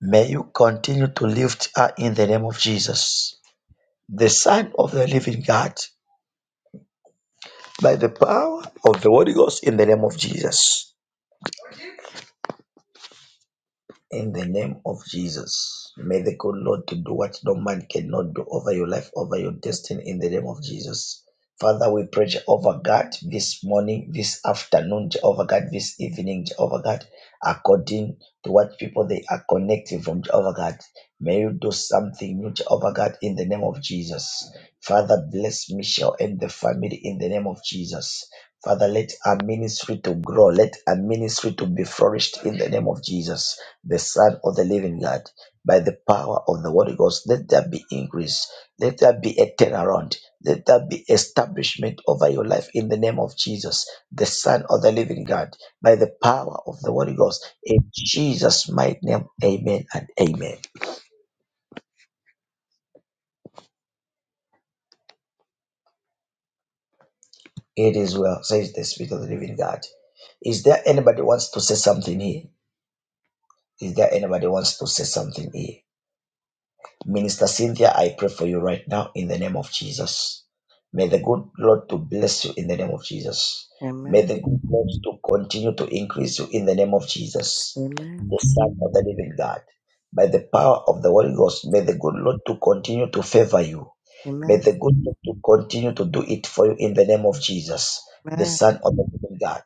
Speaker 1: May you continue to lift her in the name of Jesus. the Son of the living God, by the power of the Holy Ghost, in the name of Jesus. In the name of Jesus. May the good Lord to do what no man cannot do over your life, over your destiny, in the name of Jesus. Father, we pray over God this morning, this afternoon, over God, this evening, over God, according to what people they are connecting from over God. May you do something new, Jehovah God, in the name of Jesus. Father, bless Michelle and the family in the name of Jesus. Father, let our ministry to grow. Let our ministry to be flourished in the name of Jesus, the Son of the Living God. By the power of the Holy Ghost, let there be increase. Let there be a turnaround. Let there be establishment over your life in the name of Jesus, the Son of the Living God. By the power of the Holy Ghost, in Jesus' mighty name, amen and amen. It is well, says the Spirit of the Living God. Is there anybody wants to say something here? Is there anybody wants to say something here? Minister Cynthia, I pray for you right now in the name of Jesus. May the good Lord to bless you in the name of Jesus. May
Speaker 11: Amen.
Speaker 1: the good Lord to continue to increase you in the name of Jesus,
Speaker 11: Amen.
Speaker 1: the Son of the Living God. By the power of the Holy Ghost, may the good Lord to continue to favor you. May
Speaker 11: Amen.
Speaker 1: the good Lord to continue to do it for you in the name of Jesus, the
Speaker 11: Amen.
Speaker 1: Son of the Living God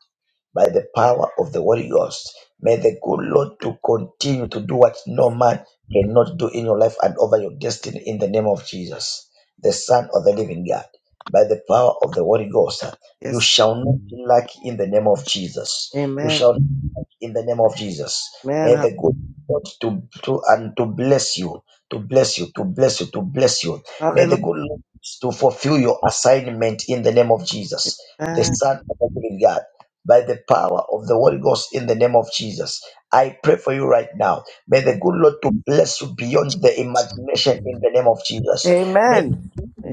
Speaker 1: by the power of the Holy Ghost. May the good Lord to continue to do what no man cannot do in your life and over your destiny in the name of Jesus, the Son of the Living God. By the power of the Holy Ghost, you
Speaker 11: Yes.
Speaker 1: shall not lack in the name of Jesus. You
Speaker 11: Amen.
Speaker 1: shall not lack in the name of Jesus. May
Speaker 11: Amen.
Speaker 1: the good Lord to, to and to bless you, to bless you, to bless you, to bless you. May the
Speaker 11: Hallelujah.
Speaker 1: good Lord to fulfill your assignment in the name of Jesus, the
Speaker 11: Amen.
Speaker 1: Son of the Living God by the power of the Holy Ghost in the name of Jesus. I pray for you right now. May the good Lord to bless you beyond the imagination in the name of Jesus.
Speaker 11: Amen.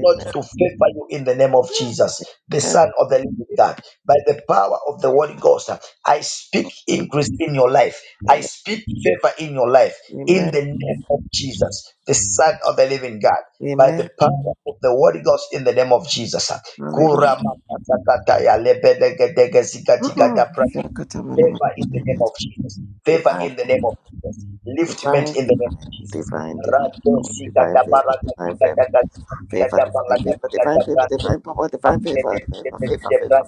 Speaker 1: Lord to favor you in the name of Jesus, the Son of the Living God. By the power of the Holy Ghost, I speak increase in your life. I
Speaker 11: Amen.
Speaker 1: speak favor in your life in
Speaker 11: Amen.
Speaker 1: the name of Jesus, the Son of the Living God. By the
Speaker 11: Amen.
Speaker 1: power of the Holy Ghost in the name of Jesus.
Speaker 11: Hallelujah.
Speaker 1: Kurama katakata ya lebedegedege
Speaker 11: Oh,
Speaker 1: zikatigada pra-
Speaker 11: Shakatamanama.
Speaker 1: Favor in the name of Jesus. Favor
Speaker 11: Divine,
Speaker 1: in the name of Jesus. Liftment
Speaker 11: divine,
Speaker 1: in the name of Jesus.
Speaker 11: divine, divine, divine,
Speaker 1: Rado
Speaker 11: power, divine
Speaker 1: sikata
Speaker 11: favor,
Speaker 1: baraka
Speaker 11: divine favor,
Speaker 1: sikata
Speaker 11: favor,
Speaker 1: sikata
Speaker 11: divine
Speaker 1: baraka
Speaker 11: favor, divine
Speaker 1: sikata
Speaker 11: favor,
Speaker 1: brando.
Speaker 11: divine power, divine favor, favor, favor, favor.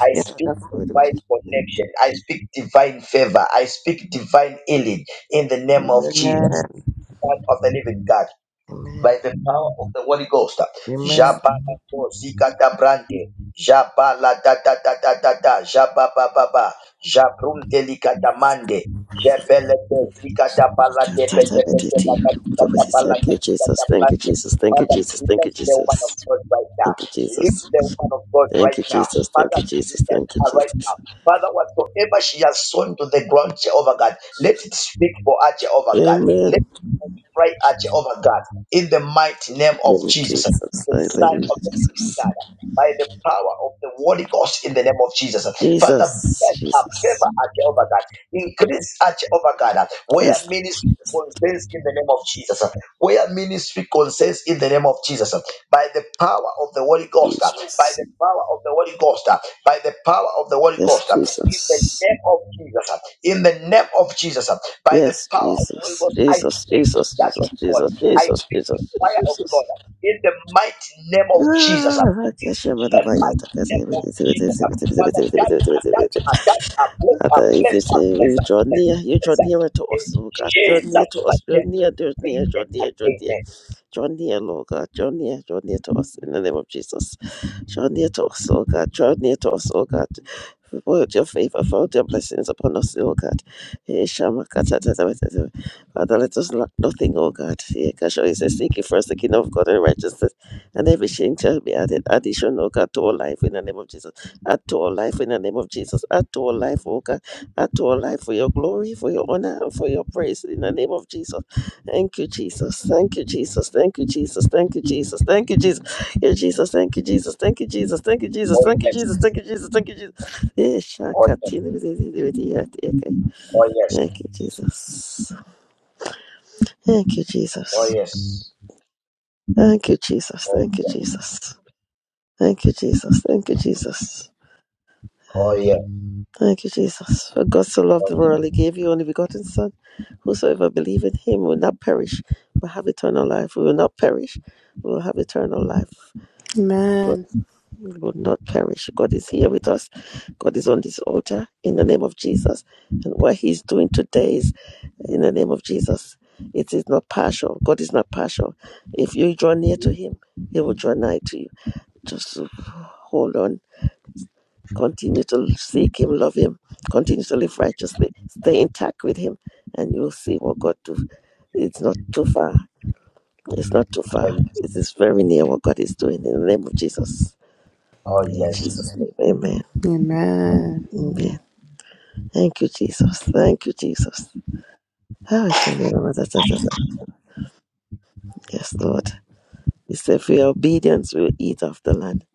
Speaker 1: I
Speaker 11: Yeah,
Speaker 1: speak
Speaker 11: that's what it
Speaker 1: divine
Speaker 11: is.
Speaker 1: connection. I speak divine favor. I speak divine healing in the name of Jesus,
Speaker 11: Amen.
Speaker 1: Son of the living God
Speaker 11: Amen.
Speaker 1: by the power of the Holy Ghost.
Speaker 11: Amen.
Speaker 1: Jabala to zika da brande. Jabala da da da da da da. Jababa ba ba. Jabrun delika da mande. Jebele to zika da bala de
Speaker 11: Thank you,
Speaker 1: be de
Speaker 11: Jesus.
Speaker 1: be de ba da
Speaker 11: Thank
Speaker 1: zika da bala da
Speaker 11: you,
Speaker 1: zika
Speaker 11: Jesus. Thank you, Jesus. Thank you,
Speaker 1: Father,
Speaker 11: Jesus. Thank
Speaker 1: bless the woman of God right now.
Speaker 11: you, Jesus. Thank you,
Speaker 1: Lift
Speaker 11: Jesus.
Speaker 1: the woman of God
Speaker 11: Thank
Speaker 1: right
Speaker 11: you,
Speaker 1: now.
Speaker 11: Jesus. Thank
Speaker 1: Father, bless
Speaker 11: you,
Speaker 1: her right
Speaker 11: Jesus.
Speaker 1: now. Father, whatsoever she has sown to the ground, Jehovah God, let it speak for her, Jehovah God.
Speaker 11: Amen.
Speaker 1: Let it pray her, Jehovah God, in the mighty name of
Speaker 11: Thank you,
Speaker 1: Jesus
Speaker 11: Jesus.
Speaker 1: the Son
Speaker 11: Hallelujah,
Speaker 1: of the Living
Speaker 11: Jesus.
Speaker 1: God, by the power of the Holy Ghost in the name of Jesus. Father,
Speaker 11: Jesus.
Speaker 1: bless our
Speaker 11: Jesus.
Speaker 1: favor at Jehovah God. Increase at Jehovah God. Where
Speaker 11: Yes,
Speaker 1: ministry concerns in the name of Jesus. Where ministry concerns in the name of Jesus. By the power of the Holy Ghost. By
Speaker 11: Jesus.
Speaker 1: the power of the Holy Ghost. By the power of the Holy
Speaker 11: Yes,
Speaker 1: Ghost. In the
Speaker 11: Jesus.
Speaker 1: name of Jesus. In the name of Jesus. By the
Speaker 11: Yes,
Speaker 1: power of the Holy
Speaker 11: Jesus.
Speaker 1: Ghost. I
Speaker 11: Jesus,
Speaker 1: speak
Speaker 11: Jesus,
Speaker 1: that's of
Speaker 11: Jesus,
Speaker 1: God.
Speaker 11: Jesus,
Speaker 1: I feel
Speaker 11: Jesus,
Speaker 1: the
Speaker 11: Jesus,
Speaker 1: fire of
Speaker 11: Jesus.
Speaker 1: God in the mighty name of Jesus.
Speaker 11: Ah, Keshe
Speaker 1: In the
Speaker 11: Madabaya,
Speaker 1: mighty name of Jesus. Father, that are that
Speaker 11: Takati,
Speaker 1: are that are blessed are
Speaker 11: Father, if you
Speaker 1: blessed
Speaker 11: say
Speaker 1: are
Speaker 11: if you
Speaker 1: blessed are
Speaker 11: draw
Speaker 1: blessed
Speaker 11: near,
Speaker 1: are
Speaker 11: you draw
Speaker 1: blessed. are.
Speaker 11: nearer to us,
Speaker 1: In
Speaker 11: oh God. Draw near to
Speaker 1: Jesus'
Speaker 11: us,
Speaker 1: mighty
Speaker 11: draw
Speaker 1: name.
Speaker 11: near, draw near, draw
Speaker 1: Amen
Speaker 11: near, draw
Speaker 1: and
Speaker 11: near. Draw near, Lord God. Draw near, draw near to us in the name of Jesus. Draw near to us, oh God. Draw near to us, oh God. Pour out your favor, pour out your blessings upon us, oh God. Eh, Shama kata tata tata tata. Father, let us lack nothing, oh God. Eh, Kasha, he says, Seek ye first the kingdom of God and righteousness, and every shame shall be added. Addition, oh God, to our life in the name of Jesus. Add to our life in the name of Jesus. Add to our life, oh God. Add to our life for your glory, for your honor, and for your praise in the name of Jesus. Thank you, Jesus. Thank you, Jesus. Thank you, Jesus. Thank you, Jesus. Thank you, Jesus. Yeah, Jesus. Thank you, Jesus. Thank you, Jesus. Thank you, Jesus. Thank you, Jesus.
Speaker 1: amen.
Speaker 11: Thank you, Jesus. Thank you, Jesus. Yeah,
Speaker 1: Oh
Speaker 11: shaka
Speaker 1: yes.
Speaker 11: tini bidi bidi bidi ya ti ya kai.
Speaker 1: Oh yes.
Speaker 11: Thank you, Jesus. Thank you,
Speaker 1: Oh
Speaker 11: Jesus.
Speaker 1: yes.
Speaker 11: Thank you, Jesus.
Speaker 1: Oh
Speaker 11: Thank
Speaker 1: yes.
Speaker 11: you, Jesus. Thank you, Jesus. Thank you, Jesus.
Speaker 1: Oh yes. Oh yes.
Speaker 11: Thank you, Jesus. For God so loved
Speaker 1: Oh
Speaker 11: the
Speaker 1: yes.
Speaker 11: world, He gave Your only begotten Son. Whosoever believe in Him will not perish, but have eternal life. We will not perish, we will have eternal life. God
Speaker 12: Amen.
Speaker 11: we will not perish. God is here with us. God is on this altar in the name of Jesus. And what He's doing today is in the name of Jesus. It is not partial. God is not partial. If you draw near to Him, He will draw nigh to you. Just hold on Continue to seek Him, love Him, continue to live righteously, stay intact with Him, and you'll see what God do. It's not too far. It's not too far.
Speaker 1: Oh yes.
Speaker 11: It is very near what God is doing in the name of Jesus.
Speaker 1: Oh
Speaker 11: In
Speaker 1: yes.
Speaker 11: Jesus' name, amen.
Speaker 12: Amen.
Speaker 11: Amen. Thank you, Jesus. Thank you, Jesus. Ah, shalom, da, da, da, da. Yes, Lord. He said, if "We your obedience, we'll eat of the land.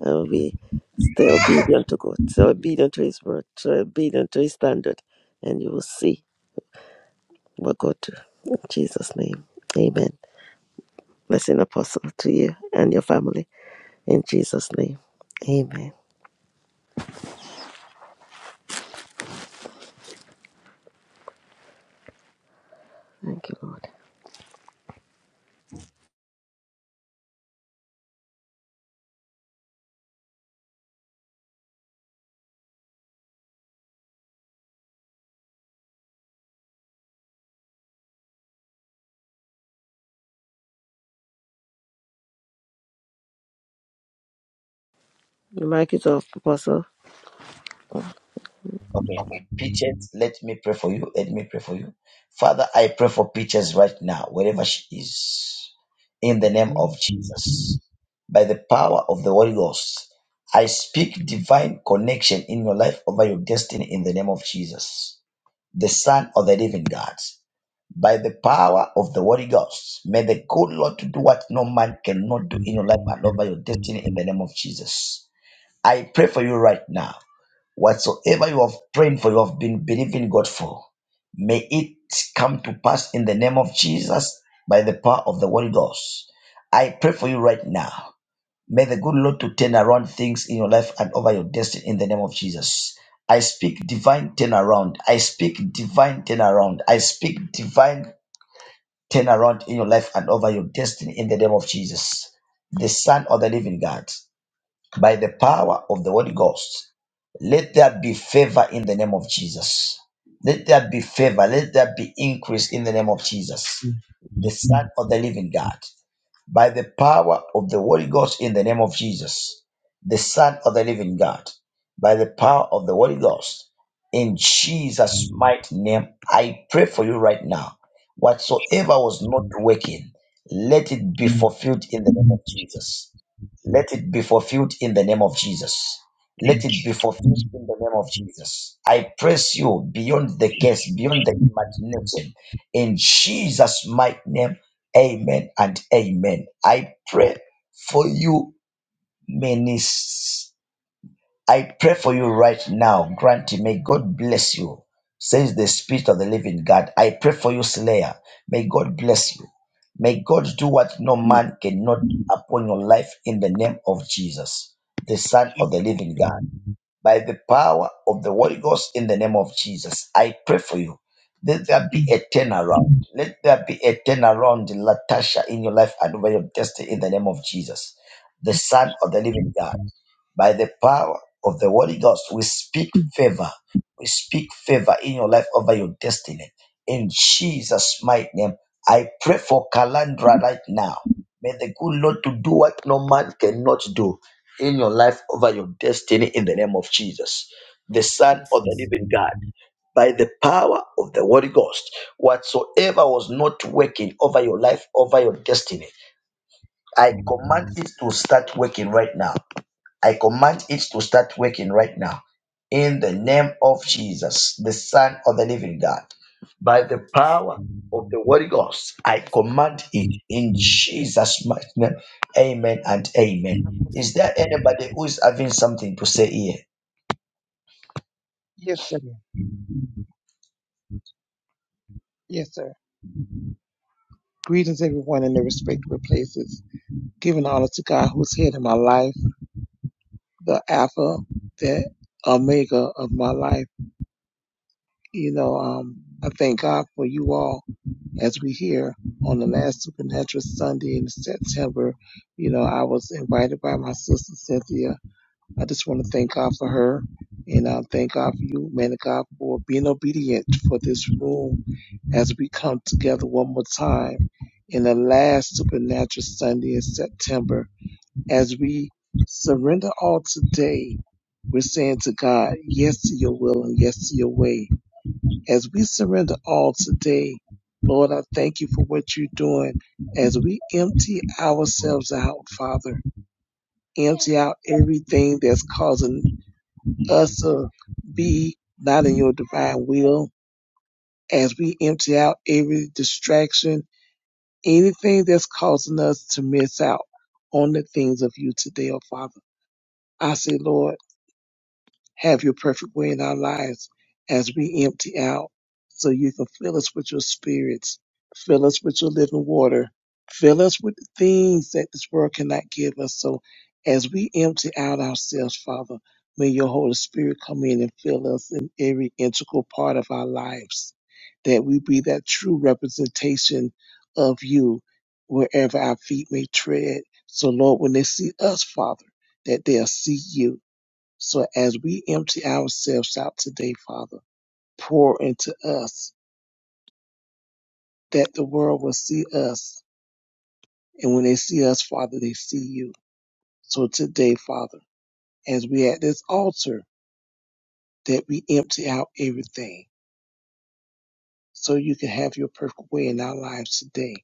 Speaker 11: And we stay obedient to God, stay obedient to His word, stay obedient to His standard, and you will see We're good. In Jesus' name. Amen. Blessing, Apostle, to you and your family. In Jesus' name. Amen. Thank you, Lord. The mic is off, Apostle.
Speaker 1: Okay. Peaches, let me pray for you. Let me pray for you. Father, I pray for Peaches right now, wherever she is, in the
Speaker 6: Thank
Speaker 1: name
Speaker 6: you,
Speaker 1: of Jesus. By the power of the Holy Ghost, I speak divine connection in your life over your destiny in the name of Jesus, the Son of the living God. By the power of the Holy Ghost, may the good Lord to do what no man cannot do in your life and over your destiny in the name of Jesus. I pray for you right now. Whatsoever you have prayed for, you have been believing God for, may it come to pass in the name of Jesus by the power of the Holy Ghost. I pray for you right now. May the good Lord to turn around things in your life and over your destiny in the name of Jesus. I speak divine turnaround. I speak divine turnaround. I speak divine turnaround in your life and over your destiny in the name of Jesus, the Son of the Living God, by the power of the Holy Ghost. Let there be favor in the name of Jesus. Let there be favor. Let there be increase in the name of Jesus, the Son of the Living God by the power of the Holy Ghost in the name of Jesus, the Son of the living God, by the power of the Holy Ghost in
Speaker 6: Jesus.
Speaker 1: Jesus' mighty name. I pray for you right now. Whatsoever was not working, let it be
Speaker 6: Mm,
Speaker 1: fulfilled in the name of Jesus. Let it be fulfilled in the name of Jesus. Let
Speaker 6: Thank
Speaker 1: it be fulfilled in the name of Jesus. I press you beyond the case, beyond the imagination. In Jesus' mighty name, Amen and amen. I pray for you, ministers. I pray for you right now, Granty. May God bless you, says the Spirit of the Living God. I pray for you, Slayer. May God bless you. May God do what no
Speaker 6: you.
Speaker 1: man cannot upon your life in the name of Jesus, the Son
Speaker 6: Mm,
Speaker 1: of the Living God by the power of the Holy Ghost in the name of Jesus. I pray for you. Let there be a turnaround. Let there be a turnaround, Latasha, in your life and over your destiny in the name of Jesus, the
Speaker 6: mm,
Speaker 1: Son of the Living God. By the power of the Holy Ghost, we speak favor. We speak favor in your life over your destiny. In Jesus' mighty name, I pray for
Speaker 6: mm.
Speaker 1: Kalandra right now. May the good Lord to do what no man cannot do in your life over your destiny in the name of Jesus, the
Speaker 13: Like Thank
Speaker 1: Son
Speaker 13: you,
Speaker 1: of the
Speaker 13: Jesus.
Speaker 1: Living God. By the power of the Holy Ghost, whatsoever was not working over your life, over your destiny, I command it to start working right now. I command it to start working right now in the name of Jesus, the Son of the Living God. By
Speaker 13: Thank
Speaker 1: the power of the Holy Ghost, I
Speaker 13: you,
Speaker 1: command it in Jesus' mighty name. Amen and amen.
Speaker 13: Jesus.
Speaker 1: Is there anybody who is having something to say here?
Speaker 14: Yes, sir. Yes, sir. Greetings, everyone, in their respective places. Giving honor to God who's head of my life, the Alpha, the Omega of my life. You know, um, I thank God for you all as we here on the last Supernatural Sunday in September. You know, I was invited by my sister Cynthia I just want to thank God for her and um, thank God for you, man of God, for being obedient for this room as we come together one more time in the last supernatural Sunday in September. As we surrender all today, we're saying to God, yes to your will and yes to your way. As we surrender all today, Lord, I thank you for what you're doing as we empty ourselves out, Father empty out everything that's causing us to be not in your divine will as we empty out every distraction, anything that's causing us to miss out on the things of you today, oh Father. I say, Lord, have your perfect way in our lives as we empty out so you can fill us with your spirits, fill us with your living water, fill us with the things that this world cannot give us. So as we empty out ourselves, Father, may your Holy Spirit come in and fill us in every integral part of our lives, that we be that true representation of you wherever our feet may tread. So, Lord, when they see us, Father, that they'll see you so as we empty ourselves out today, Father, pour into us that the world will see us. And when they see us, Father, they see you. So today, Father, as we at this altar, that we empty out everything so you can have your perfect way in our lives today.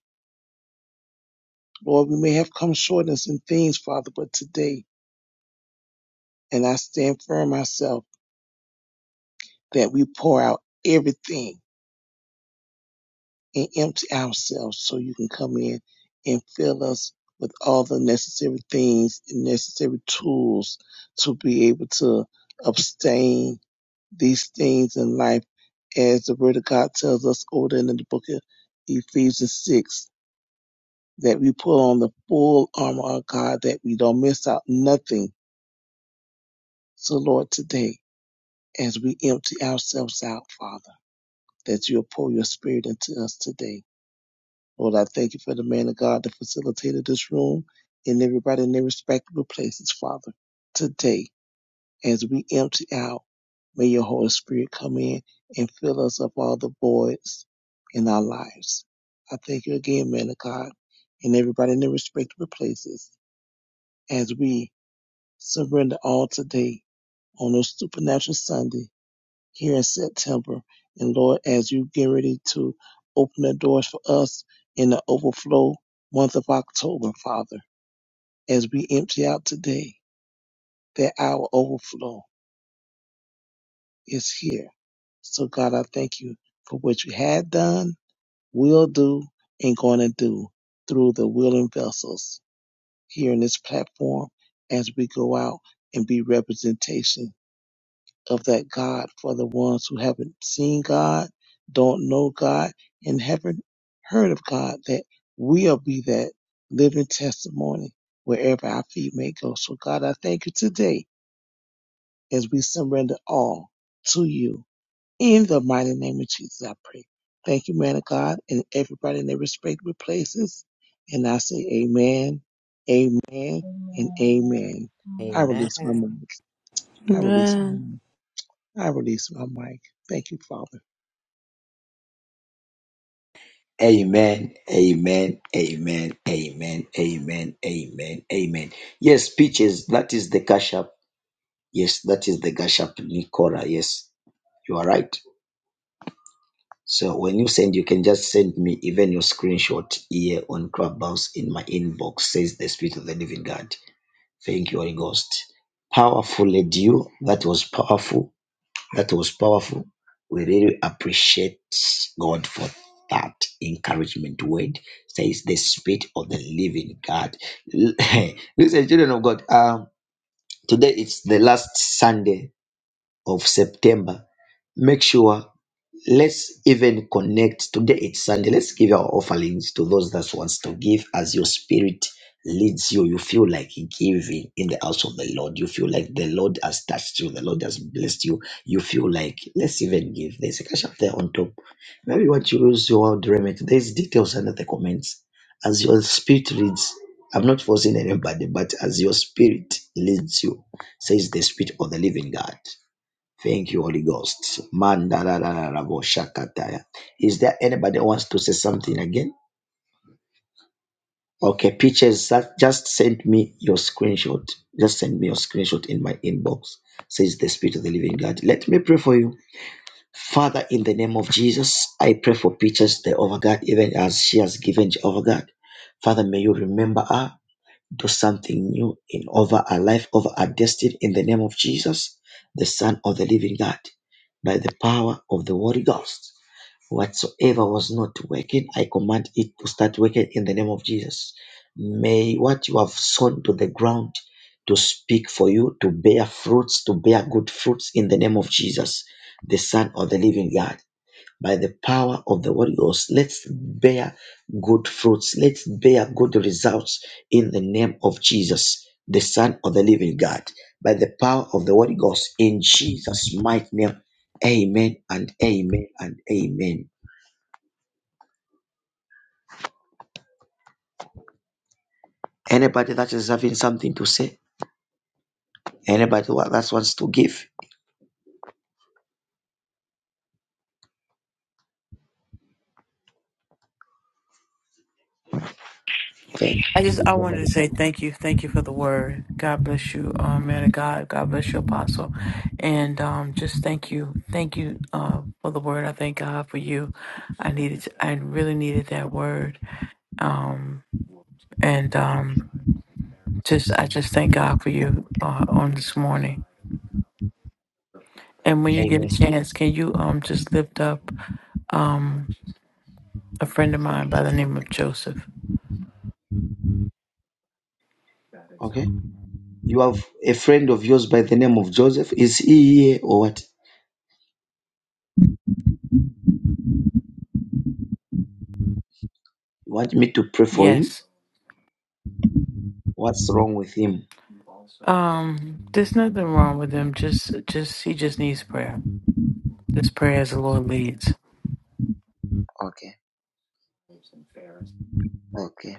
Speaker 14: Lord, we may have come short in some things, Father, but today, and I stand firm myself that we pour out everything and empty ourselves so you can come in and fill us with all the necessary things and necessary tools to be able to abstain these things in life as the word of God tells us over in the book of Ephesians 6 that we put on the full armor of God that we don't miss out nothing. So Lord, today, as we empty ourselves out, Father, that you'll pour your spirit into us today Lord, I thank you for the man of God that facilitated this room and everybody in their respectable places, Father. Today, as we empty out, may your Holy Spirit come in and fill us up all the voids in our lives. I thank you again, man of God, and everybody in their respectable places as we surrender all today on a supernatural Sunday here in September. And Lord, as you get ready to open the doors for us in the overflow month of October, Father, as we empty out today, that our overflow is here. So God, I thank you for what you had done, will do, and going to do through the willing vessels here in this platform as we go out and be representation of that God for the ones who haven't seen God, don't know God, and haven't heard of God, that we'll be that living testimony wherever our feet may go. So, God, I thank you today as we surrender all to you. In the mighty name of Jesus, I pray. Thank you, man of God, and everybody in their respective places. And I say, Amen, Amen, and
Speaker 15: Amen.
Speaker 14: Amen. I
Speaker 15: Amen.
Speaker 14: release my mind. I release my
Speaker 12: Amen.
Speaker 14: mind. I release my mic. Thank you, Father.
Speaker 1: Amen. Amen. Amen. Amen. Amen. Amen. Amen. Yes, peaches. That is the cash up. Yes, that is the cash up, Nicola. Yes, you are right. So when you send, you can just send me even your screenshot here on Clubhouse in my inbox, says the Spirit of the Living God. Thank you, Holy Ghost. Powerful led you. That was powerful. That was powerful. We really appreciate God for that encouragement word, says the Spirit of the Living God. (laughs) Listen, children of God, um, today it's the last Sunday of September. Make sure let's even connect today. It's Sunday. Let's give our offerings to those that wants to give as your spirit leads you. You feel like giving in the house of the Lord. You feel like the Lord has touched you. The Lord has blessed you. You feel like let's even give. There's a cash up there on top. Maybe what you use your remit. There's details under the comments. As your spirit leads, I'm not forcing anybody, but as your spirit leads you, says the spirit of the living God. Thank you, Holy Ghost. Mandarararaboshakataya. Is there anybody who wants to say something again? Okay, Peaches, that- Just send me your screenshot. Just send me your screenshot in my inbox. Says the Spirit of the Living God. Let me pray for you, Father. In the name of Jesus, I pray for Peaches, The over God, even as she has given over God. Father, may you remember her do something new in over our life, over our destiny in the name of Jesus, the Son of the Living God, by the power of the Holy Ghost. Whatsoever was not working, I command it to start working in the name of Jesus. May what you have sown to the ground to speak for you, to bear fruits, to bear good fruits in the name of Jesus, the Son of the Living God by the power of the Holy Ghost. Let's bear good fruits. Let's bear good results in the name of Jesus, the Son of the Living God. By the power of the Holy Ghost, in Jesus' mighty name, amen and amen and amen. Anybody that is having something to say, anybody who- that wants to give, okay.
Speaker 7: I just I wanted to say thank you, thank you for the word. God bless you, um, man of God. God bless you, apostle, and um, just thank you, thank you uh, for the word. I thank God for you. I needed, I really needed that word, um, and um, just I just thank God for you uh, on this morning. And when you get a
Speaker 1: Amen.
Speaker 7: chance, can you um just lift up um a friend of mine by the name of Joseph?
Speaker 1: Okay. You have a friend of yours by the name of Joseph. Is he here or what? You want me to pray for him?
Speaker 7: Yes.
Speaker 1: What's wrong with him?
Speaker 7: Um, there's nothing wrong with him. Just, just he just needs prayer. This prayer as the Lord leads.
Speaker 1: Okay. Okay.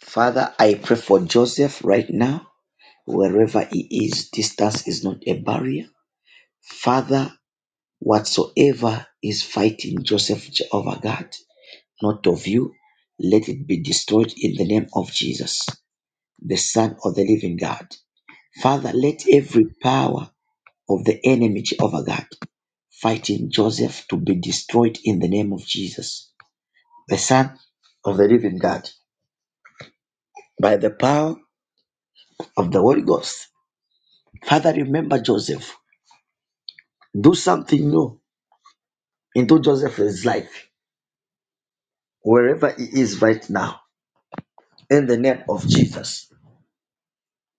Speaker 1: Father, I pray for Joseph right now, wherever he is, distance is not a barrier. Father, whatsoever is fighting Joseph, Jehovah God, not of you, let it be destroyed in the name of Jesus, the Son of the living God. Father, let every power of the enemy, Jehovah God, fighting Joseph to be destroyed in the name of Jesus, the Son of the living God, by the power of the Holy Ghost. Father, remember Joseph. Do something new into Joseph's life, wherever he is right now, in the name of Jesus.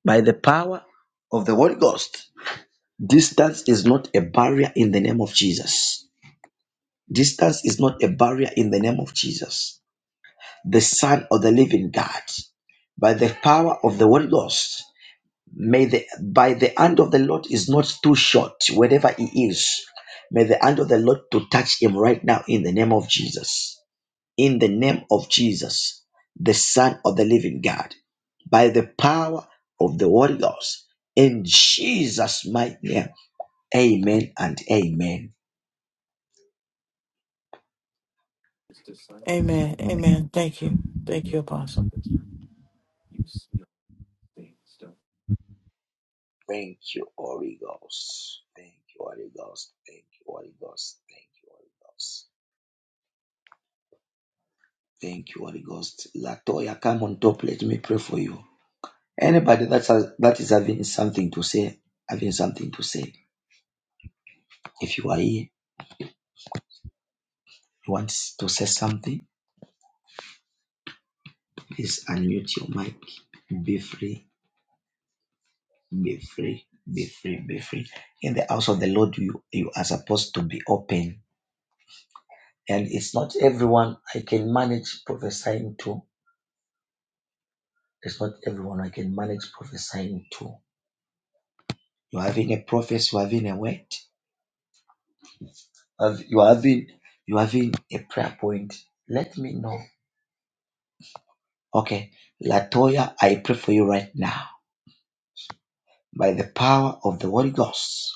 Speaker 1: By the power of the Holy Ghost, distance is not a barrier in the name of Jesus. Distance is not a barrier in the name of Jesus. The Son of the Living God, by the power of the Holy Ghost, may the by the hand of the Lord is not too short, wherever he is. May the hand of the Lord to touch him right now in the name of Jesus in the name of Jesus, the Son of the Living God, by the power of the Holy Ghost, in Jesus' mighty name. Amen and amen.
Speaker 7: Amen. Amen. Thank you. Thank you, Apostle.
Speaker 1: Thank you, Holy Ghost. Thank you, Holy Ghost. Thank you, Holy Ghost. Thank you, Holy Ghost. Thank you, Holy Ghost. Latoya, come on top. Let me pray for you. Anybody that's that is having something to say, having something to say. If you are here, you want to say something Please unmute your mic. Be free, be free, be free, be free. In the house of the Lord, you, you are supposed to be open. And it's not everyone I can manage prophesying to. It's not everyone I can manage prophesying to. You're having a prophecy, you're having a word, you're having, you're having a prayer point. Let me know. Okay, Latoya, I pray for you right now by the power of the Holy Ghost.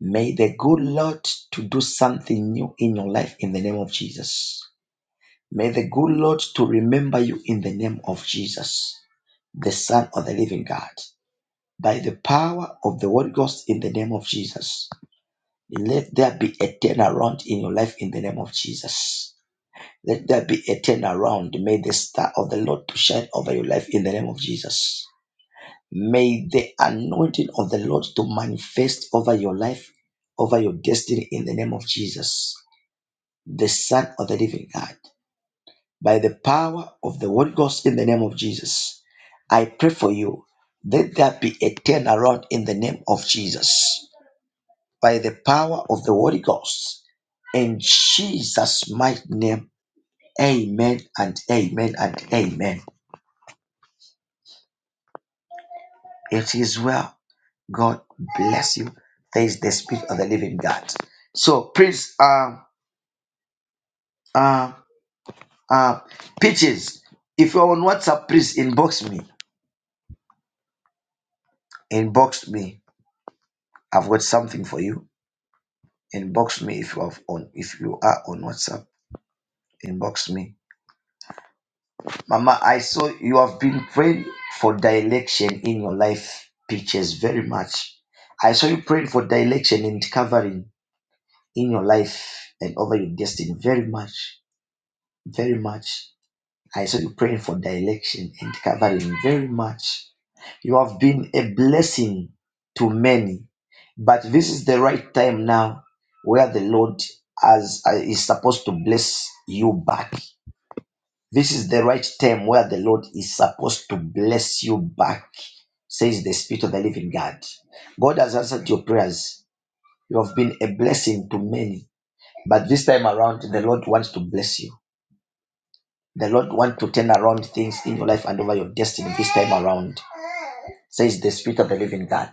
Speaker 1: May the good Lord to do something new in your life in the name of Jesus. May the good Lord to remember you in the name of Jesus, the Son of the living God. By the power of the Holy Ghost in the name of Jesus. Let there be a turnaround in your life in the name of Jesus. Let there be a turnaround. May the star of the Lord to shine over your life in the name of Jesus. May the anointing of the Lord to manifest over your life, over your destiny in the name of Jesus, the Son of the Living God. By the power of the Holy Ghost in the name of Jesus, I pray for you. Let there be a turnaround in the name of Jesus. By the power of the Holy Ghost, in Jesus' mighty name, amen and amen and amen. It is well. God bless you. There is the spirit of the living God. So, Prince, uh, uh, uh, Peaches, if you're on WhatsApp, please inbox me. Inbox me. I've got something for you. Inbox me if you are on if you are on WhatsApp. Inbox me, Mama. I saw you have been praying for direction in your life, Peaches, very much. I saw you praying for direction and covering in your life and over your destiny very much, very much. I saw you praying for direction and covering very much. You have been a blessing to many, but this is the right time now where the Lord has, uh, is supposed to bless you back. This is the right time where the Lord is supposed to bless you back, says the Spirit of the Living God. God has answered your prayers. You have been a blessing to many, but this time around, the Lord wants to bless you. The Lord want to turn around things in your life and over your destiny this time around, says the Spirit of the Living God.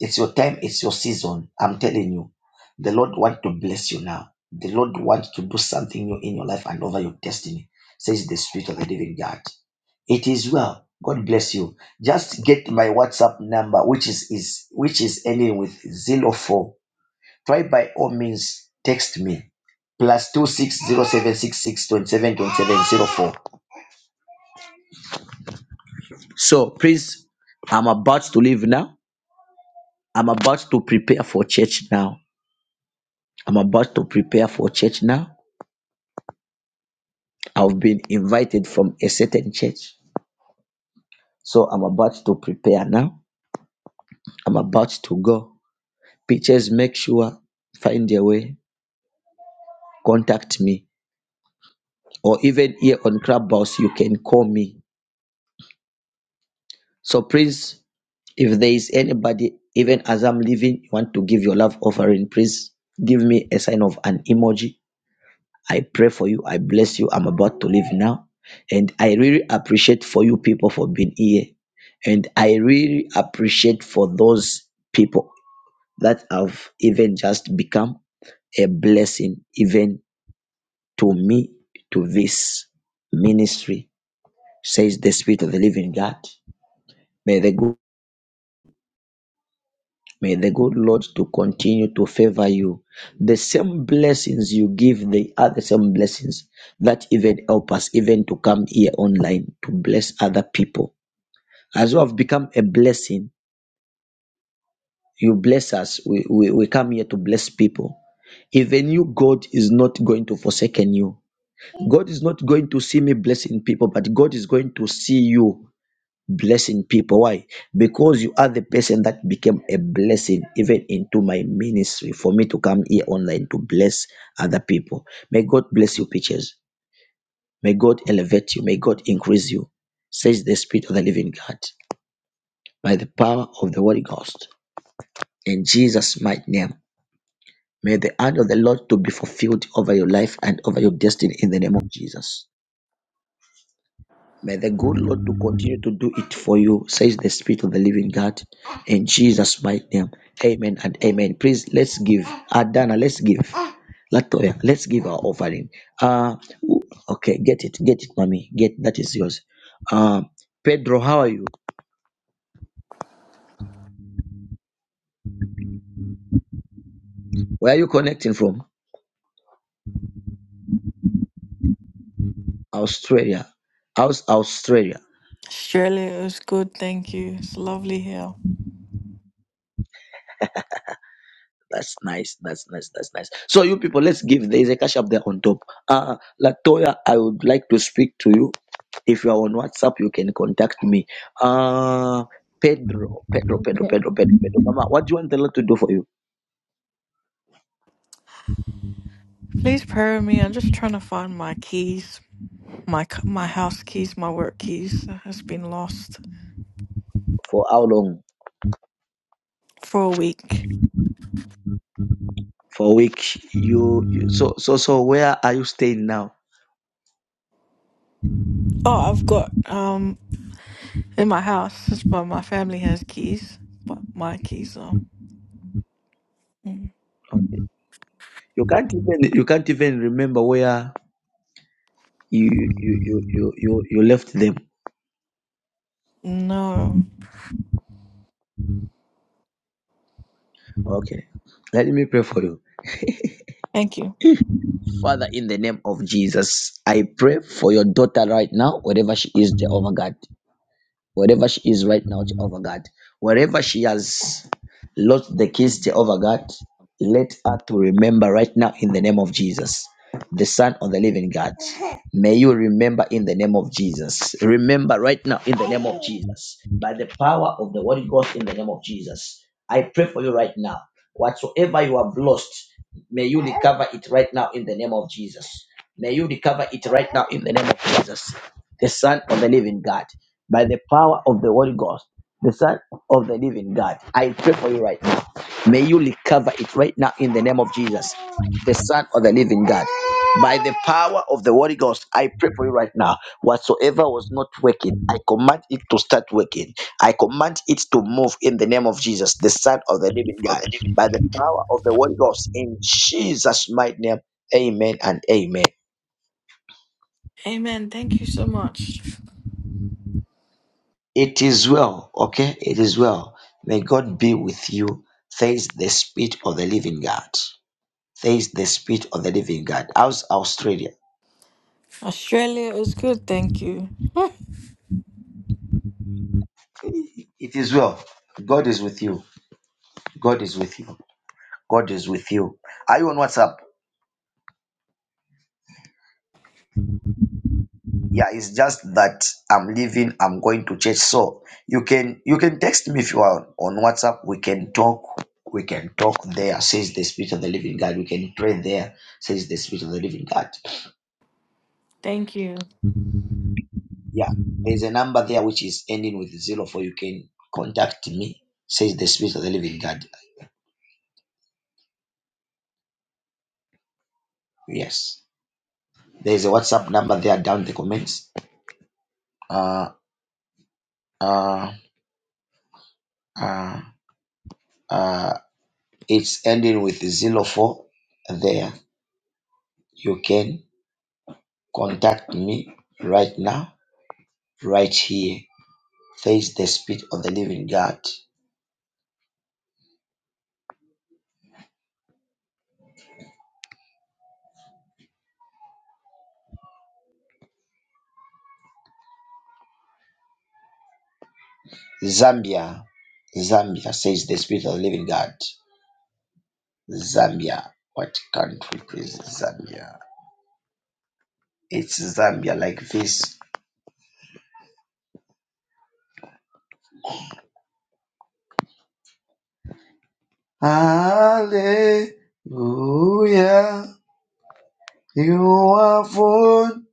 Speaker 1: It's your time, it's your season. I'm telling you, the Lord want to bless you now. The Lord wants to do something new in your life and over your destiny, says the Spirit of the Living God. It is well. God bless you. Just get my WhatsApp number, which is, is which is ending with zero four. Try by all means text me. Plus two six zero seven six six twenty seven twenty seven zero four. So please, I'm about to leave now. I'm about to prepare for church now. I'm about to prepare for church now. I've been invited from a certain church. So I'm about to prepare now. I'm about to go. Pictures, make sure find your way. Contact me. Or even here on Clubhouse, you can call me. So please, if there is anybody, even as I'm leaving, you want to give your love offering, please give me a sign of an emoji I pray for you. I bless you. I'm about to leave now. And I really appreciate for you people for being here. And I really appreciate for those people that have even just become a blessing even to me, to this ministry, says the Spirit of the living God. May the good May the good Lord to continue to favor you. The same blessings you give, they are the same blessings that even help us even to come here online to bless other people. As you have become a blessing, you bless us. We, we, we come here to bless people. Even you, God is not going to forsaken you. God is not going to see me blessing people, but God is going to see you blessing people. Why? Because you are the person that became a blessing even into my ministry for me to come here online to bless other people. May God bless you, Peaches. May God elevate you. May God increase you. Says the Spirit of the Living God by the power of the Holy Ghost. In Jesus' mighty name, may the hand of the Lord to be fulfilled over your life and over your destiny in the name of Jesus. May the good Lord to continue to do it for you, says the Spirit of the Living God. In Jesus' mighty name. Amen and amen. Please let's give. Adana, let's give. Latoya, let's give our offering. Uh who- okay, get it, get it, mommy. Get that is yours. Uh, Pedro, how are you? Where are you connecting from? Australia. How's Australia?
Speaker 16: Shirley, it was good. Thank you. It's lovely here.
Speaker 1: That's nice. That's nice. That's nice. So you people, let's give. There is a cash up there on top. Uh Latoya, I would like to speak to you. If you are on WhatsApp, you can contact me. Uh Pedro, Pedro, Pedro,
Speaker 17: Okay.
Speaker 1: Pedro, Pedro, Pedro. Mama, what do you want the Lord to do for you?
Speaker 16: Please pray with me. I'm just trying to find my keys, my c- my house keys, my work keys. It has been lost
Speaker 1: For how long?
Speaker 16: for a week.
Speaker 1: For a week. You, you so so so where are you staying now?
Speaker 16: Oh, I've got um in my house, it's- but my family has keys, but my keys are mm,
Speaker 1: Okay. You can't even you can't even remember where you you you you you, you left them.
Speaker 16: no.
Speaker 1: Okay. Let me pray for you.
Speaker 16: Thank you.
Speaker 1: Father, in the name of Jesus, I pray for your daughter right now, wherever she is, Jehovah God wherever she is right now, Jehovah God. Wherever she has lost the keys, Jehovah God, let her to remember right now in the name of Jesus, the Son of the Living God. May you remember in the name of Jesus. Remember right now in the name of Jesus. By the power of the Holy Ghost in the name of Jesus. I pray for you right now. Whatsoever you have lost, may you recover it right now in the name of Jesus. May you recover it right now in the name of Jesus the Son of the Living God, by the power of the Holy Ghost, the Son of the Living God. I pray for you right now. May you recover it right now in the name of Jesus, the Son of the Living God. By the power of the Holy Ghost, I pray for you right now. Whatsoever was not working, I command it to start working. I command it to move in the name of Jesus, the Son of the Living God. By the power of the Holy Ghost, in Jesus' mighty name, amen and amen.
Speaker 16: Amen. Thank you so much.
Speaker 1: It is well, okay? It is well. May God be with you. Says the Spirit of the Living God. Says the Spirit of the Living God. How's Australia?
Speaker 16: Australia is good. Thank you. (laughs)
Speaker 1: It is well. God is with you. God is with you. God is with you. Are you on WhatsApp? Yeah, it's just that I'm leaving. I'm going to church. So you can you can text me if you are on WhatsApp. We can talk. We can talk there, says the Spirit of the Living God. We can pray there, says the Spirit of the Living God.
Speaker 16: Thank you.
Speaker 1: Yeah, there's a number there which is ending with zero four. You can contact me, says the Spirit of the Living God. Yes, there's a WhatsApp number there down in the comments. Uh, uh, uh, uh, it's ending with zero four. There, you can contact me right now, right here, says the Spirit of the Living God. Zambia, Zambia, says the Spirit of the Living God. Zambia, what country is Zambia? It's Zambia like this. Hallelujah. You have won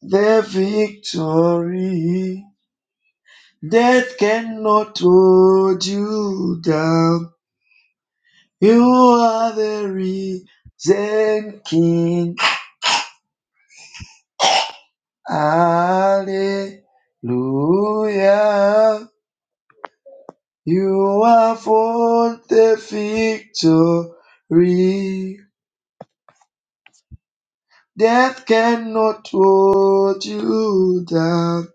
Speaker 1: the victory. Death cannot hold you down. You are the risen King. Hallelujah. You have won the victory. Death cannot hold you down.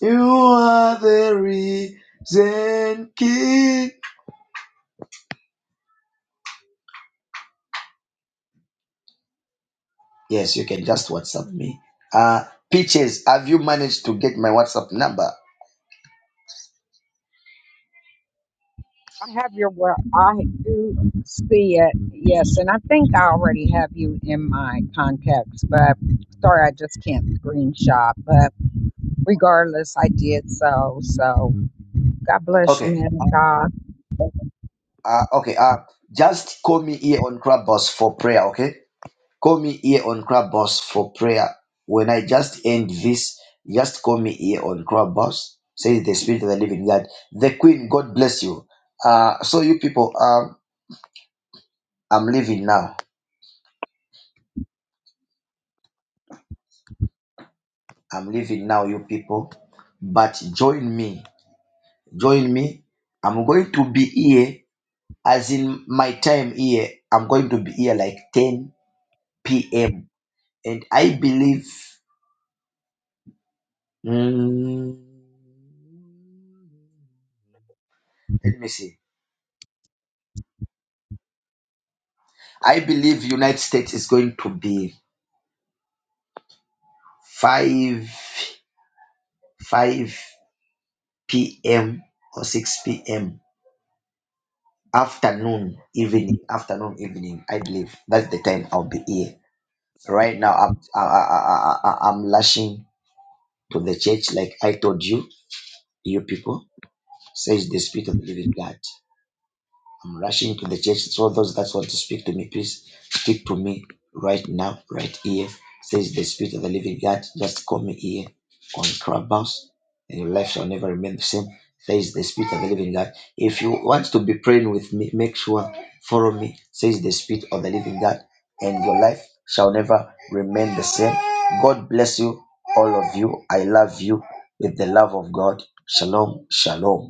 Speaker 1: You are the risen king. Yes, you can just WhatsApp me. Uh, Peaches, have you managed to get my WhatsApp number?
Speaker 6: I have your well. I do see it. Yes, and I think I already have you in my contacts, but sorry, I just can't screenshot. But regardless, I did so. So. God bless you,
Speaker 1: Okay.
Speaker 6: man of
Speaker 1: Uh,
Speaker 6: God.
Speaker 1: uh, okay. Uh, just call me here on Crabboss for prayer. Okay. Call me here on Crabboss for prayer. When I just end this, just call me here on Crabboss. Says the Spirit of the Living God. The Queen, God bless you. Uh, so you people. Um. I'm leaving now. I'm leaving now, you people. But join me. Join me. I'm going to be here, as in my time here. I'm going to be here like 10 p.m. And I believe, mm, let me see. I believe United States is going to be 5, 5 p.m. or 6 p.m. Afternoon, evening, afternoon, evening. I believe that's the time I'll be here. Right now, I'm I, I, I, I- I'm lashing to the church like I told you, you people, says the Spirit of the Living God. I'm rushing to the church. So those that want to speak to me, please speak to me right now, right here. Says the Spirit of the Living God. Just call me here on Clubhouse, and your life shall never remain the same. Says the Spirit of the Living God. If you want to be praying with me, make sure follow me. Says the Spirit of the Living God, and your life shall never remain the same. God bless you, all of you. I love you with the love of God. Shalom, shalom.